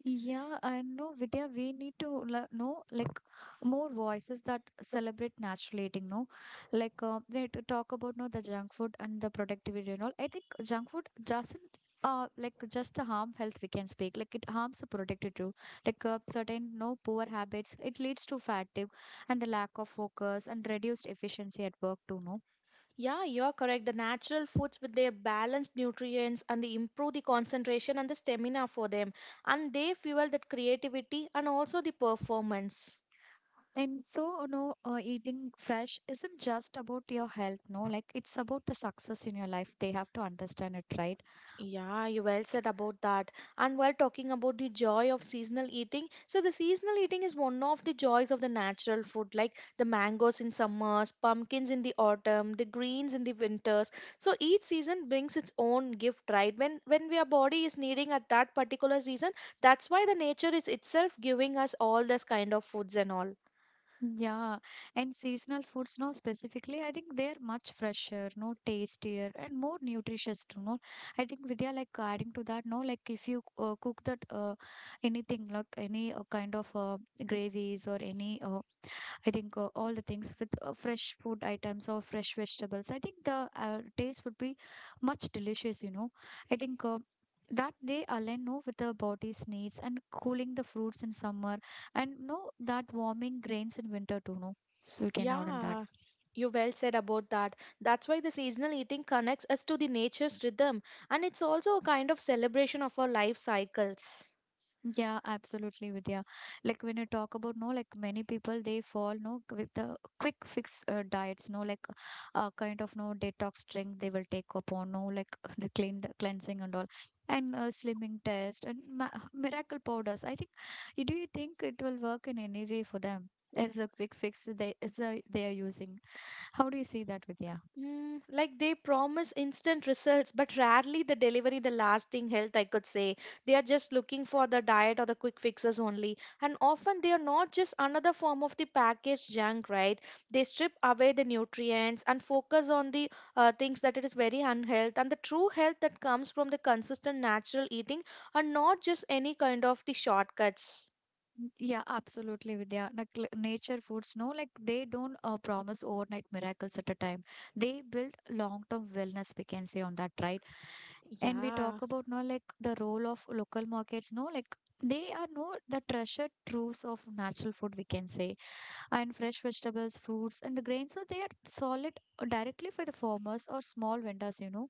Speaker 1: Yeah, I know, Vidya, we need to know like more voices that celebrate natural eating, no? Like we need to talk about no the junk food and the productivity and all. I think junk food doesn't like just the harm health, we can speak. Like it harms the productivity too. Like certain no poor habits, it leads to fatigue and the lack of focus and reduced efficiency at work too, no?
Speaker 2: Yeah, you're correct. The natural foods with their balanced nutrients, and they improve the concentration and the stamina for them. And they fuel that creativity and also the performance.
Speaker 1: And so, no, know, eating fresh isn't just about your health, no, like it's about the success in your life. They have to understand it, right?
Speaker 2: Yeah, you well said about that. And while talking about the joy of seasonal eating, so the seasonal eating is one of the joys of the natural food, like the mangoes in summers, pumpkins in the autumn, the greens in the winters. So each season brings its own gift, right? When our body is needing at that particular season, that's why the nature is itself giving us all this kind of foods and all.
Speaker 1: Yeah, and seasonal foods no, specifically, I think they're much fresher, no tastier, and more nutritious too. No, I think Vidya like adding to that. No, like if you cook that, anything like any, kind of, gravies or any, I think all the things with fresh food items or fresh vegetables, I think the taste would be much delicious. I think. That they align no with the body's needs and cooling the fruits in summer and no, that warming grains in winter too, no? So we can add on that.
Speaker 2: Yeah, you well said about that. That's why the seasonal eating connects us to the nature's rhythm, and it's also a kind of celebration of our life cycles.
Speaker 1: Yeah, absolutely, Vidya. Like when you talk about no, like many people they fall no with the quick fix diets, no like kind of no detox drink they will take upon, no like the cleansing and all, and slimming test and ma miracle powders. I think, do you think it will work in any way for them? There's a quick fix they are using. How do you see that, Vidya?
Speaker 2: Mm, like they promise instant results, but rarely they deliver the lasting health, I could say. They are just looking for the diet or the quick fixes only. And often they are not just another form of the packaged junk, right? They strip away the nutrients and focus on the things that it is very unhealth, and the true health that comes from the consistent natural eating and not just any kind of the shortcuts.
Speaker 1: Yeah, absolutely, Vidya. Like nature foods, no, like they don't promise overnight miracles at a time. They build long-term wellness, we can say on that, right? And we
Speaker 2: Yeah.
Speaker 1: talk about no, like the role of local markets, no, like they are no the treasured troves of natural food, we can say, and fresh vegetables, fruits, and the grains. So they are solid directly for the farmers or small vendors, you know.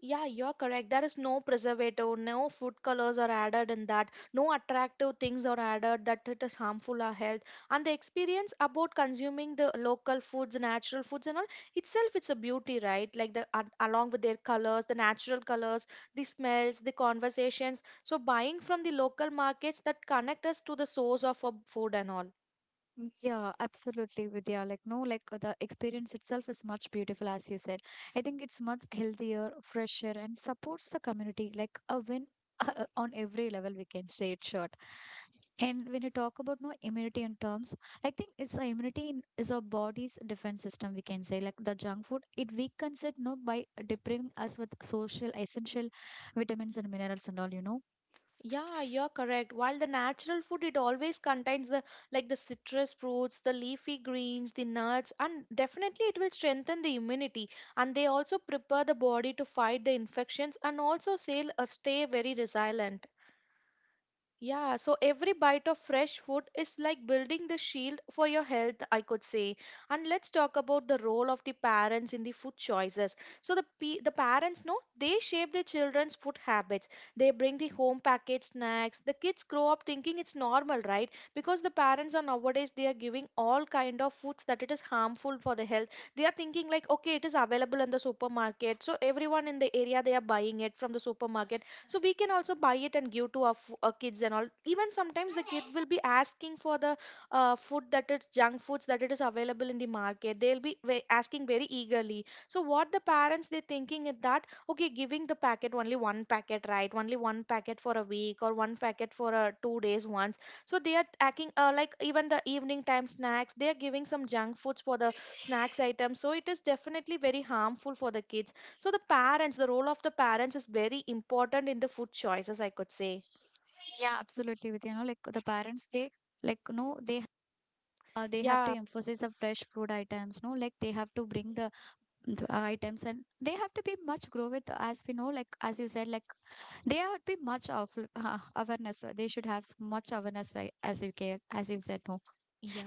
Speaker 2: Yeah, you're correct. There is no preservative, no food colors are added in that, no attractive things are added that it is harmful our health. And the experience about consuming the local foods, natural foods and all, itself it's a beauty, right? Like along with their colors, the natural colors, the smells, the conversations. So buying from the local markets that connect us to the source of our food and all.
Speaker 1: Yeah, absolutely, Vidya. Like, no, like the experience itself is much beautiful, as you said. I think it's much healthier, fresher, and supports the community like a win on every level. We can say it short. And when you talk about no immunity in terms, I think it's a immunity in, is our body's defense system. We can say like the junk food, it weakens it no by depriving us with social essential vitamins and minerals and all. You know,
Speaker 2: Yeah, you're correct. While the natural food, it always contains the like the citrus fruits, the leafy greens, the nuts, and definitely it will strengthen the immunity. And they also prepare the body to fight the infections and also stay very resilient. Yeah, so every bite of fresh food is like building the shield for your health, I could say. And let's talk about the role of the parents in the food choices. So the parents know, they shape their children's food habits. They bring the home packaged snacks. The kids grow up thinking it's normal, right? Because the parents are nowadays they are giving all kind of foods that it is harmful for the health. They are thinking like, okay, it is available in the supermarket, so everyone in the area they are buying it from the supermarket, so we can also buy it and give to our kids and all. Even sometimes the kid will be asking for the food that is junk foods that it is available in the market, they'll be asking very eagerly. So what the parents they thinking is that, okay, giving the packet, only one packet, right? Only one packet for a week or one packet for a 2 days once. So they are acting like even the evening time snacks they are giving some junk foods for the snacks items, so it is definitely very harmful for the kids. So the parents, the role of the parents is very important in the food choices, I could say.
Speaker 1: yeah, absolutely. With you know, like the parents, they like no, they have to
Speaker 2: Yeah,
Speaker 1: emphasize the fresh food items no like they have to bring the items and they have to be much grow with as we know like as you said like they have to be much of awareness they should have much awareness right, as you care as you said no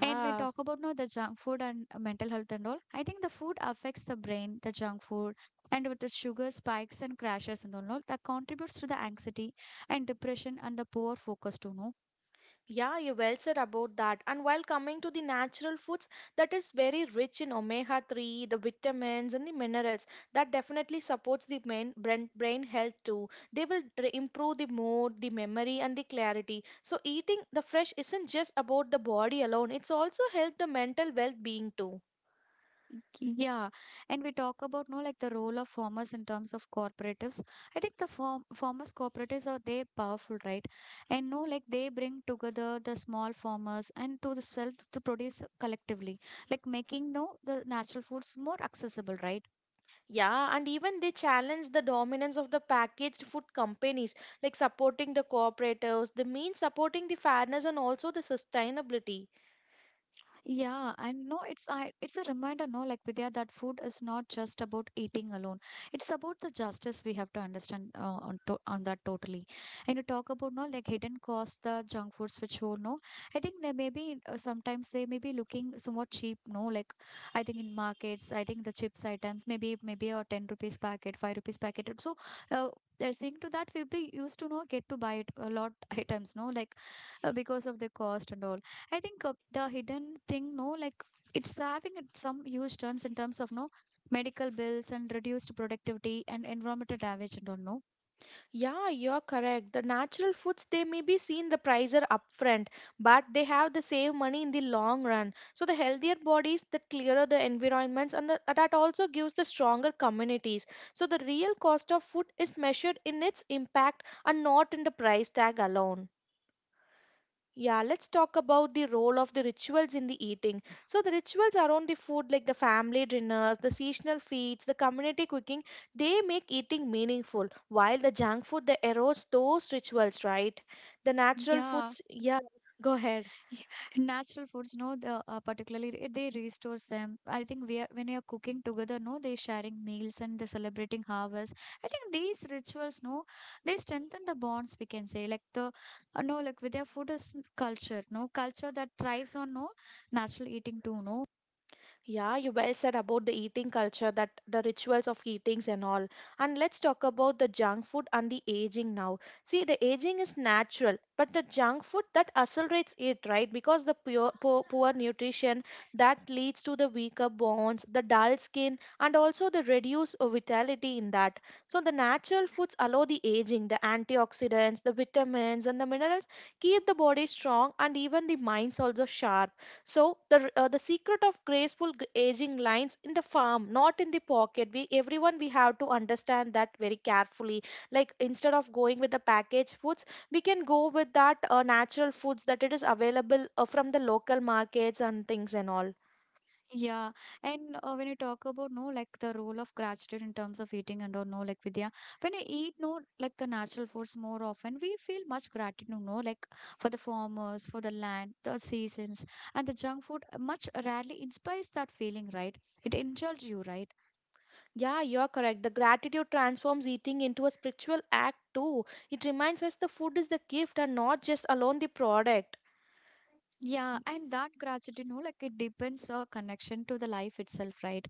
Speaker 1: and we talk about no the junk food and mental health and all. I think the food affects the brain. The junk food and with the sugar spikes and crashes and all no, that contributes to the anxiety and depression and the poor focus too no.
Speaker 2: yeah, you well said about that. And while coming to the natural foods, that is very rich in omega 3, the vitamins, and the minerals. That definitely supports the main brain health too. They will improve the mood, the memory, and the clarity. So eating the fresh isn't just about the body alone, it's also help the mental well being too.
Speaker 1: Yeah, and we talk about no like the role of farmers in terms of cooperatives. I think the farmers cooperatives are they powerful, right? And no like they bring together the small farmers and to the sell to produce collectively, like making no the natural foods more accessible, right?
Speaker 2: Yeah, and even they challenge the dominance of the packaged food companies, like supporting the cooperatives. They mean supporting the fairness and also the sustainability.
Speaker 1: Yeah, and no, it's a reminder, no, like Vidya, that food is not just about eating alone. It's about the justice we have to understand on that totally. And you talk about no, like hidden costs, the junk foods which you no. I think they may be sometimes they may be looking somewhat cheap, no, like I think in markets, I think the chips items maybe a ten rupees packet, five rupees packet. And so uh, they're seeing to that we'll be used to no get to buy it a lot items, no, like because of the cost and all. I think the hidden thing, no, like it's having it some huge turns in terms of no medical bills and reduced productivity and environmental damage and all, no.
Speaker 2: Yeah, you're correct. The natural foods they may be seen the price are upfront, but they have the save money in the long run. So the healthier bodies, the clearer the environments, and that also gives the stronger communities. So the real cost of food is measured in its impact and not in the price tag alone. Yeah, let's talk about the role of the rituals in the eating. So, the rituals around the food, like the family dinners, the seasonal feasts, the community cooking, they make eating meaningful, while the junk food, they erodes those rituals, right? The natural
Speaker 1: Yeah,
Speaker 2: foods, yeah, go ahead.
Speaker 1: yeah. Natural foods, no, the particularly they restores them. I think we are when we are cooking together, no, they sharing meals and the celebrating harvest. I think these rituals, no, they strengthen the bonds. We can say like the no, like with their food is culture, no culture that thrives on no natural eating too, no.
Speaker 2: Yeah, you well said about the eating culture, that the rituals of eatings and all. And let's talk about the junk food and the aging now. See, the aging is natural, but the junk food that accelerates it, right? Because the poor nutrition that leads to the weaker bones, the dull skin, and also the reduced vitality in that. So the natural foods allow the aging, the antioxidants, the vitamins, and the minerals keep the body strong and even the minds also sharp, so the secret of graceful aging lines in the farm, not in the pocket. We everyone we have to understand that very carefully. Like instead of going with the packaged foods, we can go with that natural foods that it is available from the local markets and things and all.
Speaker 1: Yeah, and when you talk about no, like the role of gratitude in terms of eating and or no, like Vidya, when you eat no, like the natural foods more often, we feel much gratitude, no, like for the farmers, for the land, the seasons, and the junk food much rarely inspires that feeling, right? It indulges you, right?
Speaker 2: Yeah, you're correct. The gratitude transforms eating into a spiritual act too. It reminds us the food is the gift and not just alone the product.
Speaker 1: Yeah, and that gratitude, no, like it deepens our connection to the life itself, right?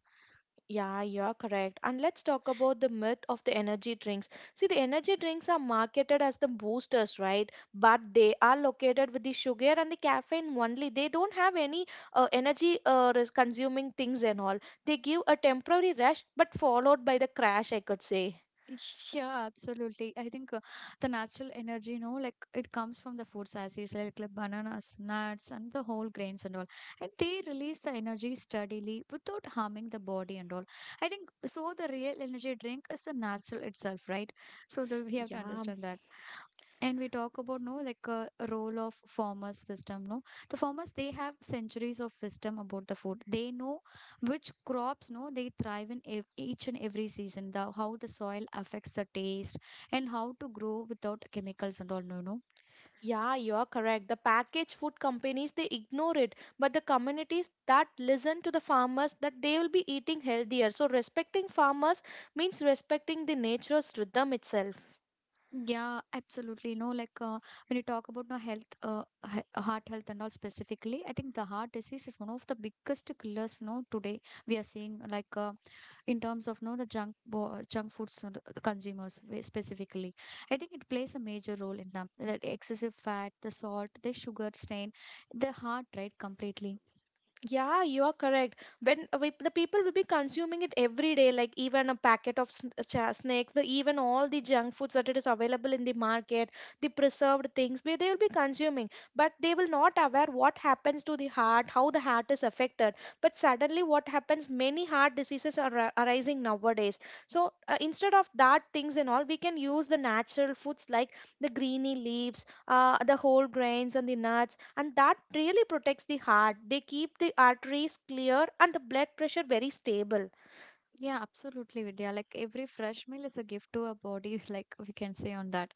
Speaker 2: Yeah, you are correct. And let's talk about the myth of the energy drinks. See, the energy drinks are marketed as the boosters, right? But they are located with the sugar and the caffeine only. They don't have any energy consuming things and all. They give a temporary rush, but followed by the crash, I could say.
Speaker 1: Yeah, absolutely. I think the natural energy, you know, like it comes from the foods as like bananas, nuts, and the whole grains and all. And they release the energy steadily without harming the body and all. I think so. The real energy drink is the natural itself, right? So the, we have to
Speaker 2: Yeah.
Speaker 1: understand that. And we talk about no like a role of farmers wisdom no. The farmers they have centuries of wisdom about the food. They know which crops no they thrive in each and every season, the how the soil affects the taste and how to grow without chemicals and all, no no.
Speaker 2: Yeah, you are correct. The packaged food companies they ignore it, but the communities that listen to the farmers that they will be eating healthier. So respecting farmers means respecting the nature's rhythm itself.
Speaker 1: Yeah, absolutely, no, like when you talk about no health, heart health and all specifically. I think the heart disease is one of the biggest killers no today. We are seeing like in terms of no the junk foods and the consumers specifically, I think it plays a major role in them. That excessive fat, the salt, the sugar strain the heart right completely.
Speaker 2: Yeah, you are correct. When we, the people will be consuming it every day, like even a packet of snakes, the, even all the junk foods that it is available in the market, the preserved things, they will be consuming. But they will not aware what happens to the heart, how the heart is affected. But suddenly, what happens? Many heart diseases are arising nowadays. So instead of that things and all, we can use the natural foods like the greeny leaves, the whole grains and the nuts, and that really protects the heart. They keep the arteries clear and the blood pressure very stable.
Speaker 1: Yeah, absolutely, Vidya. Like every fresh meal is a gift to our body, like we can say on that.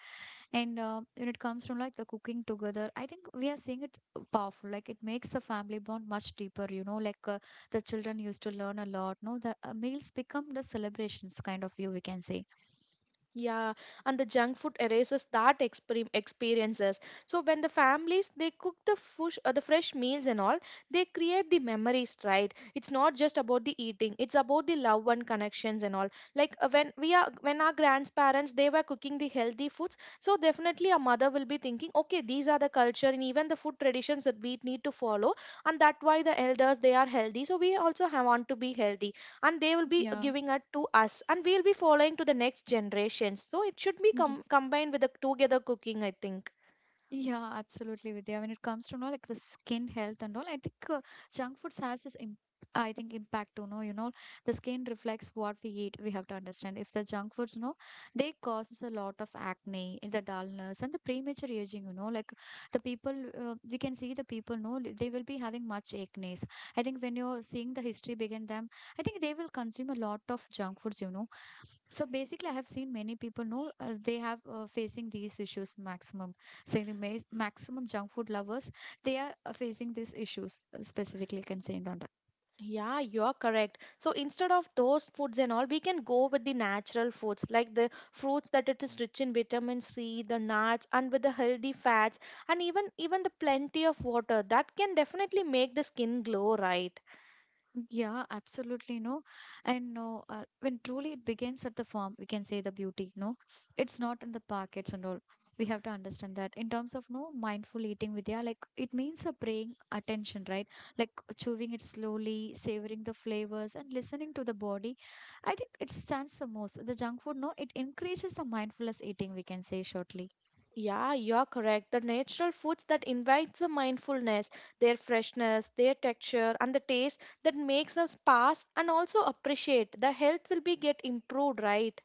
Speaker 1: And when it comes to like the cooking together, I think we are seeing it powerful. Like it makes the family bond much deeper, you know. Like the children used to learn a lot. No, the meals become the celebrations kind of view, we can say.
Speaker 2: Yeah, and the junk food erases that experiences. So when the families they cook the the fresh meals and all, they create the memories, right? It's not just about the eating; it's about the love and connections and all. Like when we are when our grandparents they were cooking the healthy foods, so definitely a mother will be thinking, okay, these are the culture and even the food traditions that we need to follow, and that why the elders they are healthy. So we also have, want to be healthy, and they will be
Speaker 1: Yeah.
Speaker 2: giving it to us and we'll be following to the next generation, so it should be
Speaker 1: Ye-
Speaker 2: combined with the together cooking, I think.
Speaker 1: Yeah, absolutely, Vidya. When it comes to you know like the skin health and all, I think junk foods has this im I think impact to know, you know, the skin reflects what we eat. We have to understand if the junk foods, no, they causes a lot of acne, the dullness, and the premature aging. You know, like the people, we can see the people, no, they will be having much acne. I think when you're seeing the history behind them, I think they will consume a lot of junk foods. You know, so basically I have seen many people know they have facing these issues maximum. Saying the maximum junk food lovers, they are facing these issues specifically concerned on.
Speaker 2: Yeah, you're correct, so instead of those foods and all we can go with the natural foods like the fruits that it is rich in vitamin C, the nuts and with the healthy fats, and even the plenty of water that can definitely make the skin glow, right?
Speaker 1: Yeah, absolutely, no. And no, when truly it begins at the farm, we can say the beauty, no. It's not in the packets and all. We have to understand that in terms of no mindful eating with yeah, like it means a praying attention, right? Like chewing it slowly, savoring the flavors, and listening to the body. I think it stands the most. The junk food, no, it increases the mindfulness eating, we can say shortly.
Speaker 2: Yeah, you're correct. The natural foods that invites the mindfulness, their freshness, their texture, and the taste that makes us pass and also appreciate. The health will be get improved, right?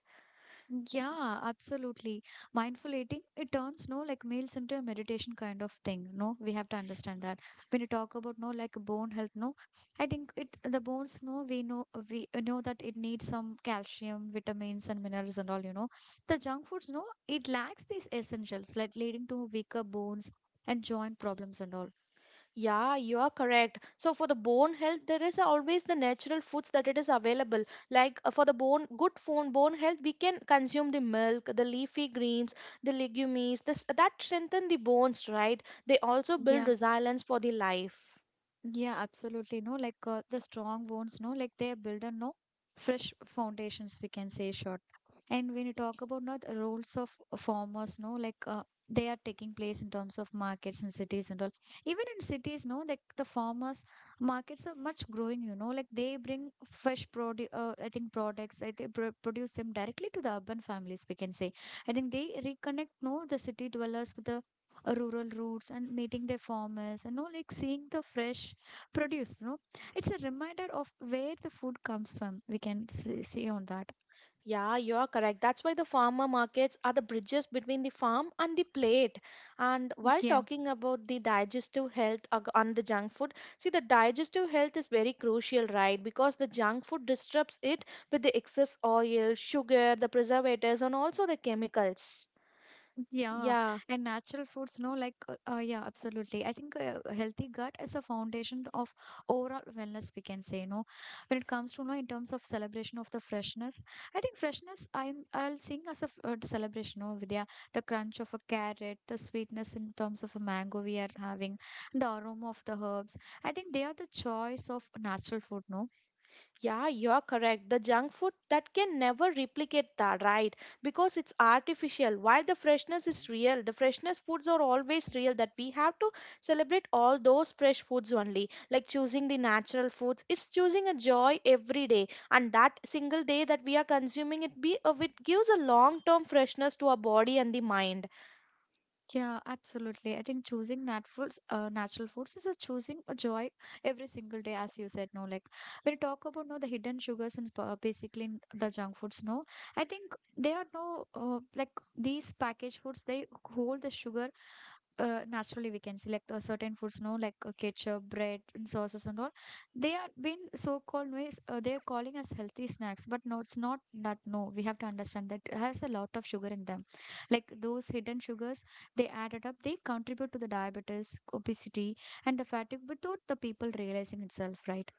Speaker 1: Yeah, absolutely. Mindful eating, it turns no like meals into a meditation kind of thing. No, we have to understand that. When you talk about no like bone health, no, I think it the bones, no, we know that it needs some calcium, vitamins and minerals and all, you know. The junk foods, no, it lacks these essentials, like leading to weaker bones and joint problems and all.
Speaker 2: Yeah, you are correct. So for the bone health, there is always the natural foods that it is available. Like for the bone, good bone health, we can consume the milk, the leafy greens, the legumes. This that strengthen the bones, right? They also build
Speaker 1: Yeah.
Speaker 2: resilience for the life.
Speaker 1: Yeah, absolutely. No, like the strong bones, no, like they build on no fresh foundations, we can say short. And when you talk about not the roles of farmers, no, like they are taking place in terms of markets and cities and all. Even in cities, no, like the farmers markets are much growing, you know, like they bring fresh produce, I think products, I think pro produce them directly to the urban families, we can say. I think they reconnect, no, the city dwellers with the rural roots and meeting their farmers and no, like seeing the fresh produce no, it's a reminder of where the food comes from, we can see on that.
Speaker 2: Yeah, you are correct. That's why the farmer markets are the bridges between the farm and the plate. And while
Speaker 1: Yeah.
Speaker 2: talking about the digestive health on the junk food, see the digestive health is very crucial, right? Because the junk food disrupts it with the excess oil, sugar, the preservatives, and also the chemicals.
Speaker 1: Yeah,
Speaker 2: Yeah.
Speaker 1: and natural foods no like yeah absolutely. I think a healthy gut is a foundation of overall wellness, we can say no. When it comes to no in terms of celebration of the freshness, I think freshness I'm I'll sing as a celebration no Vidya. The crunch of a carrot, the sweetness in terms of a mango we are having, the aroma of the herbs, I think they are the choice of natural food no.
Speaker 2: Yeah, you're correct. The junk food that can never replicate that, right? Because it's artificial. While the freshness is real, the freshness foods are always real. That we have to celebrate all those fresh foods only. Like choosing the natural foods, it's choosing a joy every day. And that single day that we are consuming it, be it gives a long-term freshness to our body and the mind.
Speaker 1: Yeah, absolutely. I think choosing naturals, natural foods is a choosing a joy every single day, as you said. No, like when you talk about no the hidden sugars and basically in the junk foods. No, I think they are no like these packaged foods. They hold the sugar naturally. We can see like certain foods no like ketchup bread and sauces and all. They are been so called ways, they are calling us healthy snacks, but no it's not that no. We have to understand that it has a lot of sugar in them. Like those hidden sugars, they added up, they contribute to the diabetes, obesity and the fatigue without the people realizing itself right.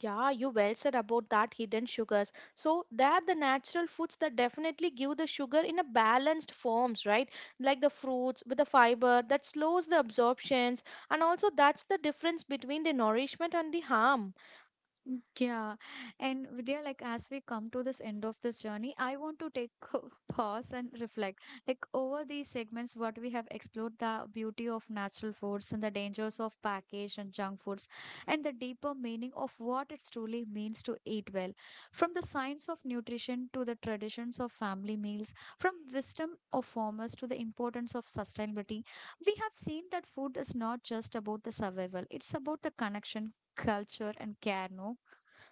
Speaker 2: Yeah, you well said about that hidden sugars. So they are the natural foods that definitely give the sugar in a balanced forms, right? Like the fruits with the fiber that slows the absorptions, and also that's the difference between the nourishment and the harm.
Speaker 1: Yeah, and Vidya, like as we come to this end of this journey, I want to take a pause and reflect. Like over these segments, what we have explored the beauty of natural foods and the dangers of packaged and junk foods, and the deeper meaning of what it truly means to eat well. From the science of nutrition to the traditions of family meals, from wisdom of farmers to the importance of sustainability, we have seen that food is not just about the survival; it's about the connection. Culture and care, no?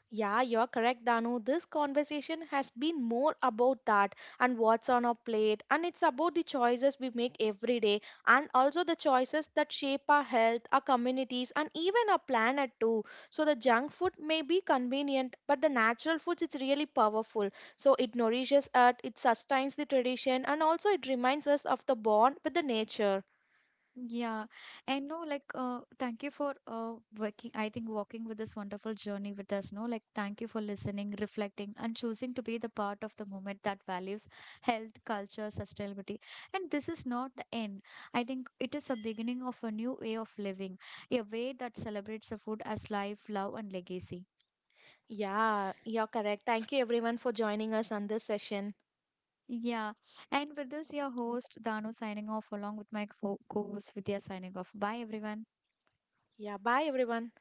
Speaker 2: Yeah, you're correct, Danu. This conversation has been more about that and what's on our plate, and it's about the choices we make every day and also the choices that shape our health, our communities, and even our planet too. So, the junk food may be convenient, but the natural foods it's really powerful. So, it nourishes us, it sustains the tradition, and also it reminds us of the bond with the nature.
Speaker 1: Yeah, and no, like, thank you for working. I think walking with this wonderful journey with us. No, like, thank you for listening, reflecting, and choosing to be the part of the movement that values health, culture, sustainability. And this is not the end. I think it is a beginning of a new way of living, a way that celebrates the food as life, love, and legacy.
Speaker 2: Yeah, you're correct. Thank you everyone for joining us on this session.
Speaker 1: Yeah, and with this, your host Danu signing off along with my co-host Vidya signing off. Bye, everyone.
Speaker 2: Yeah, bye everyone.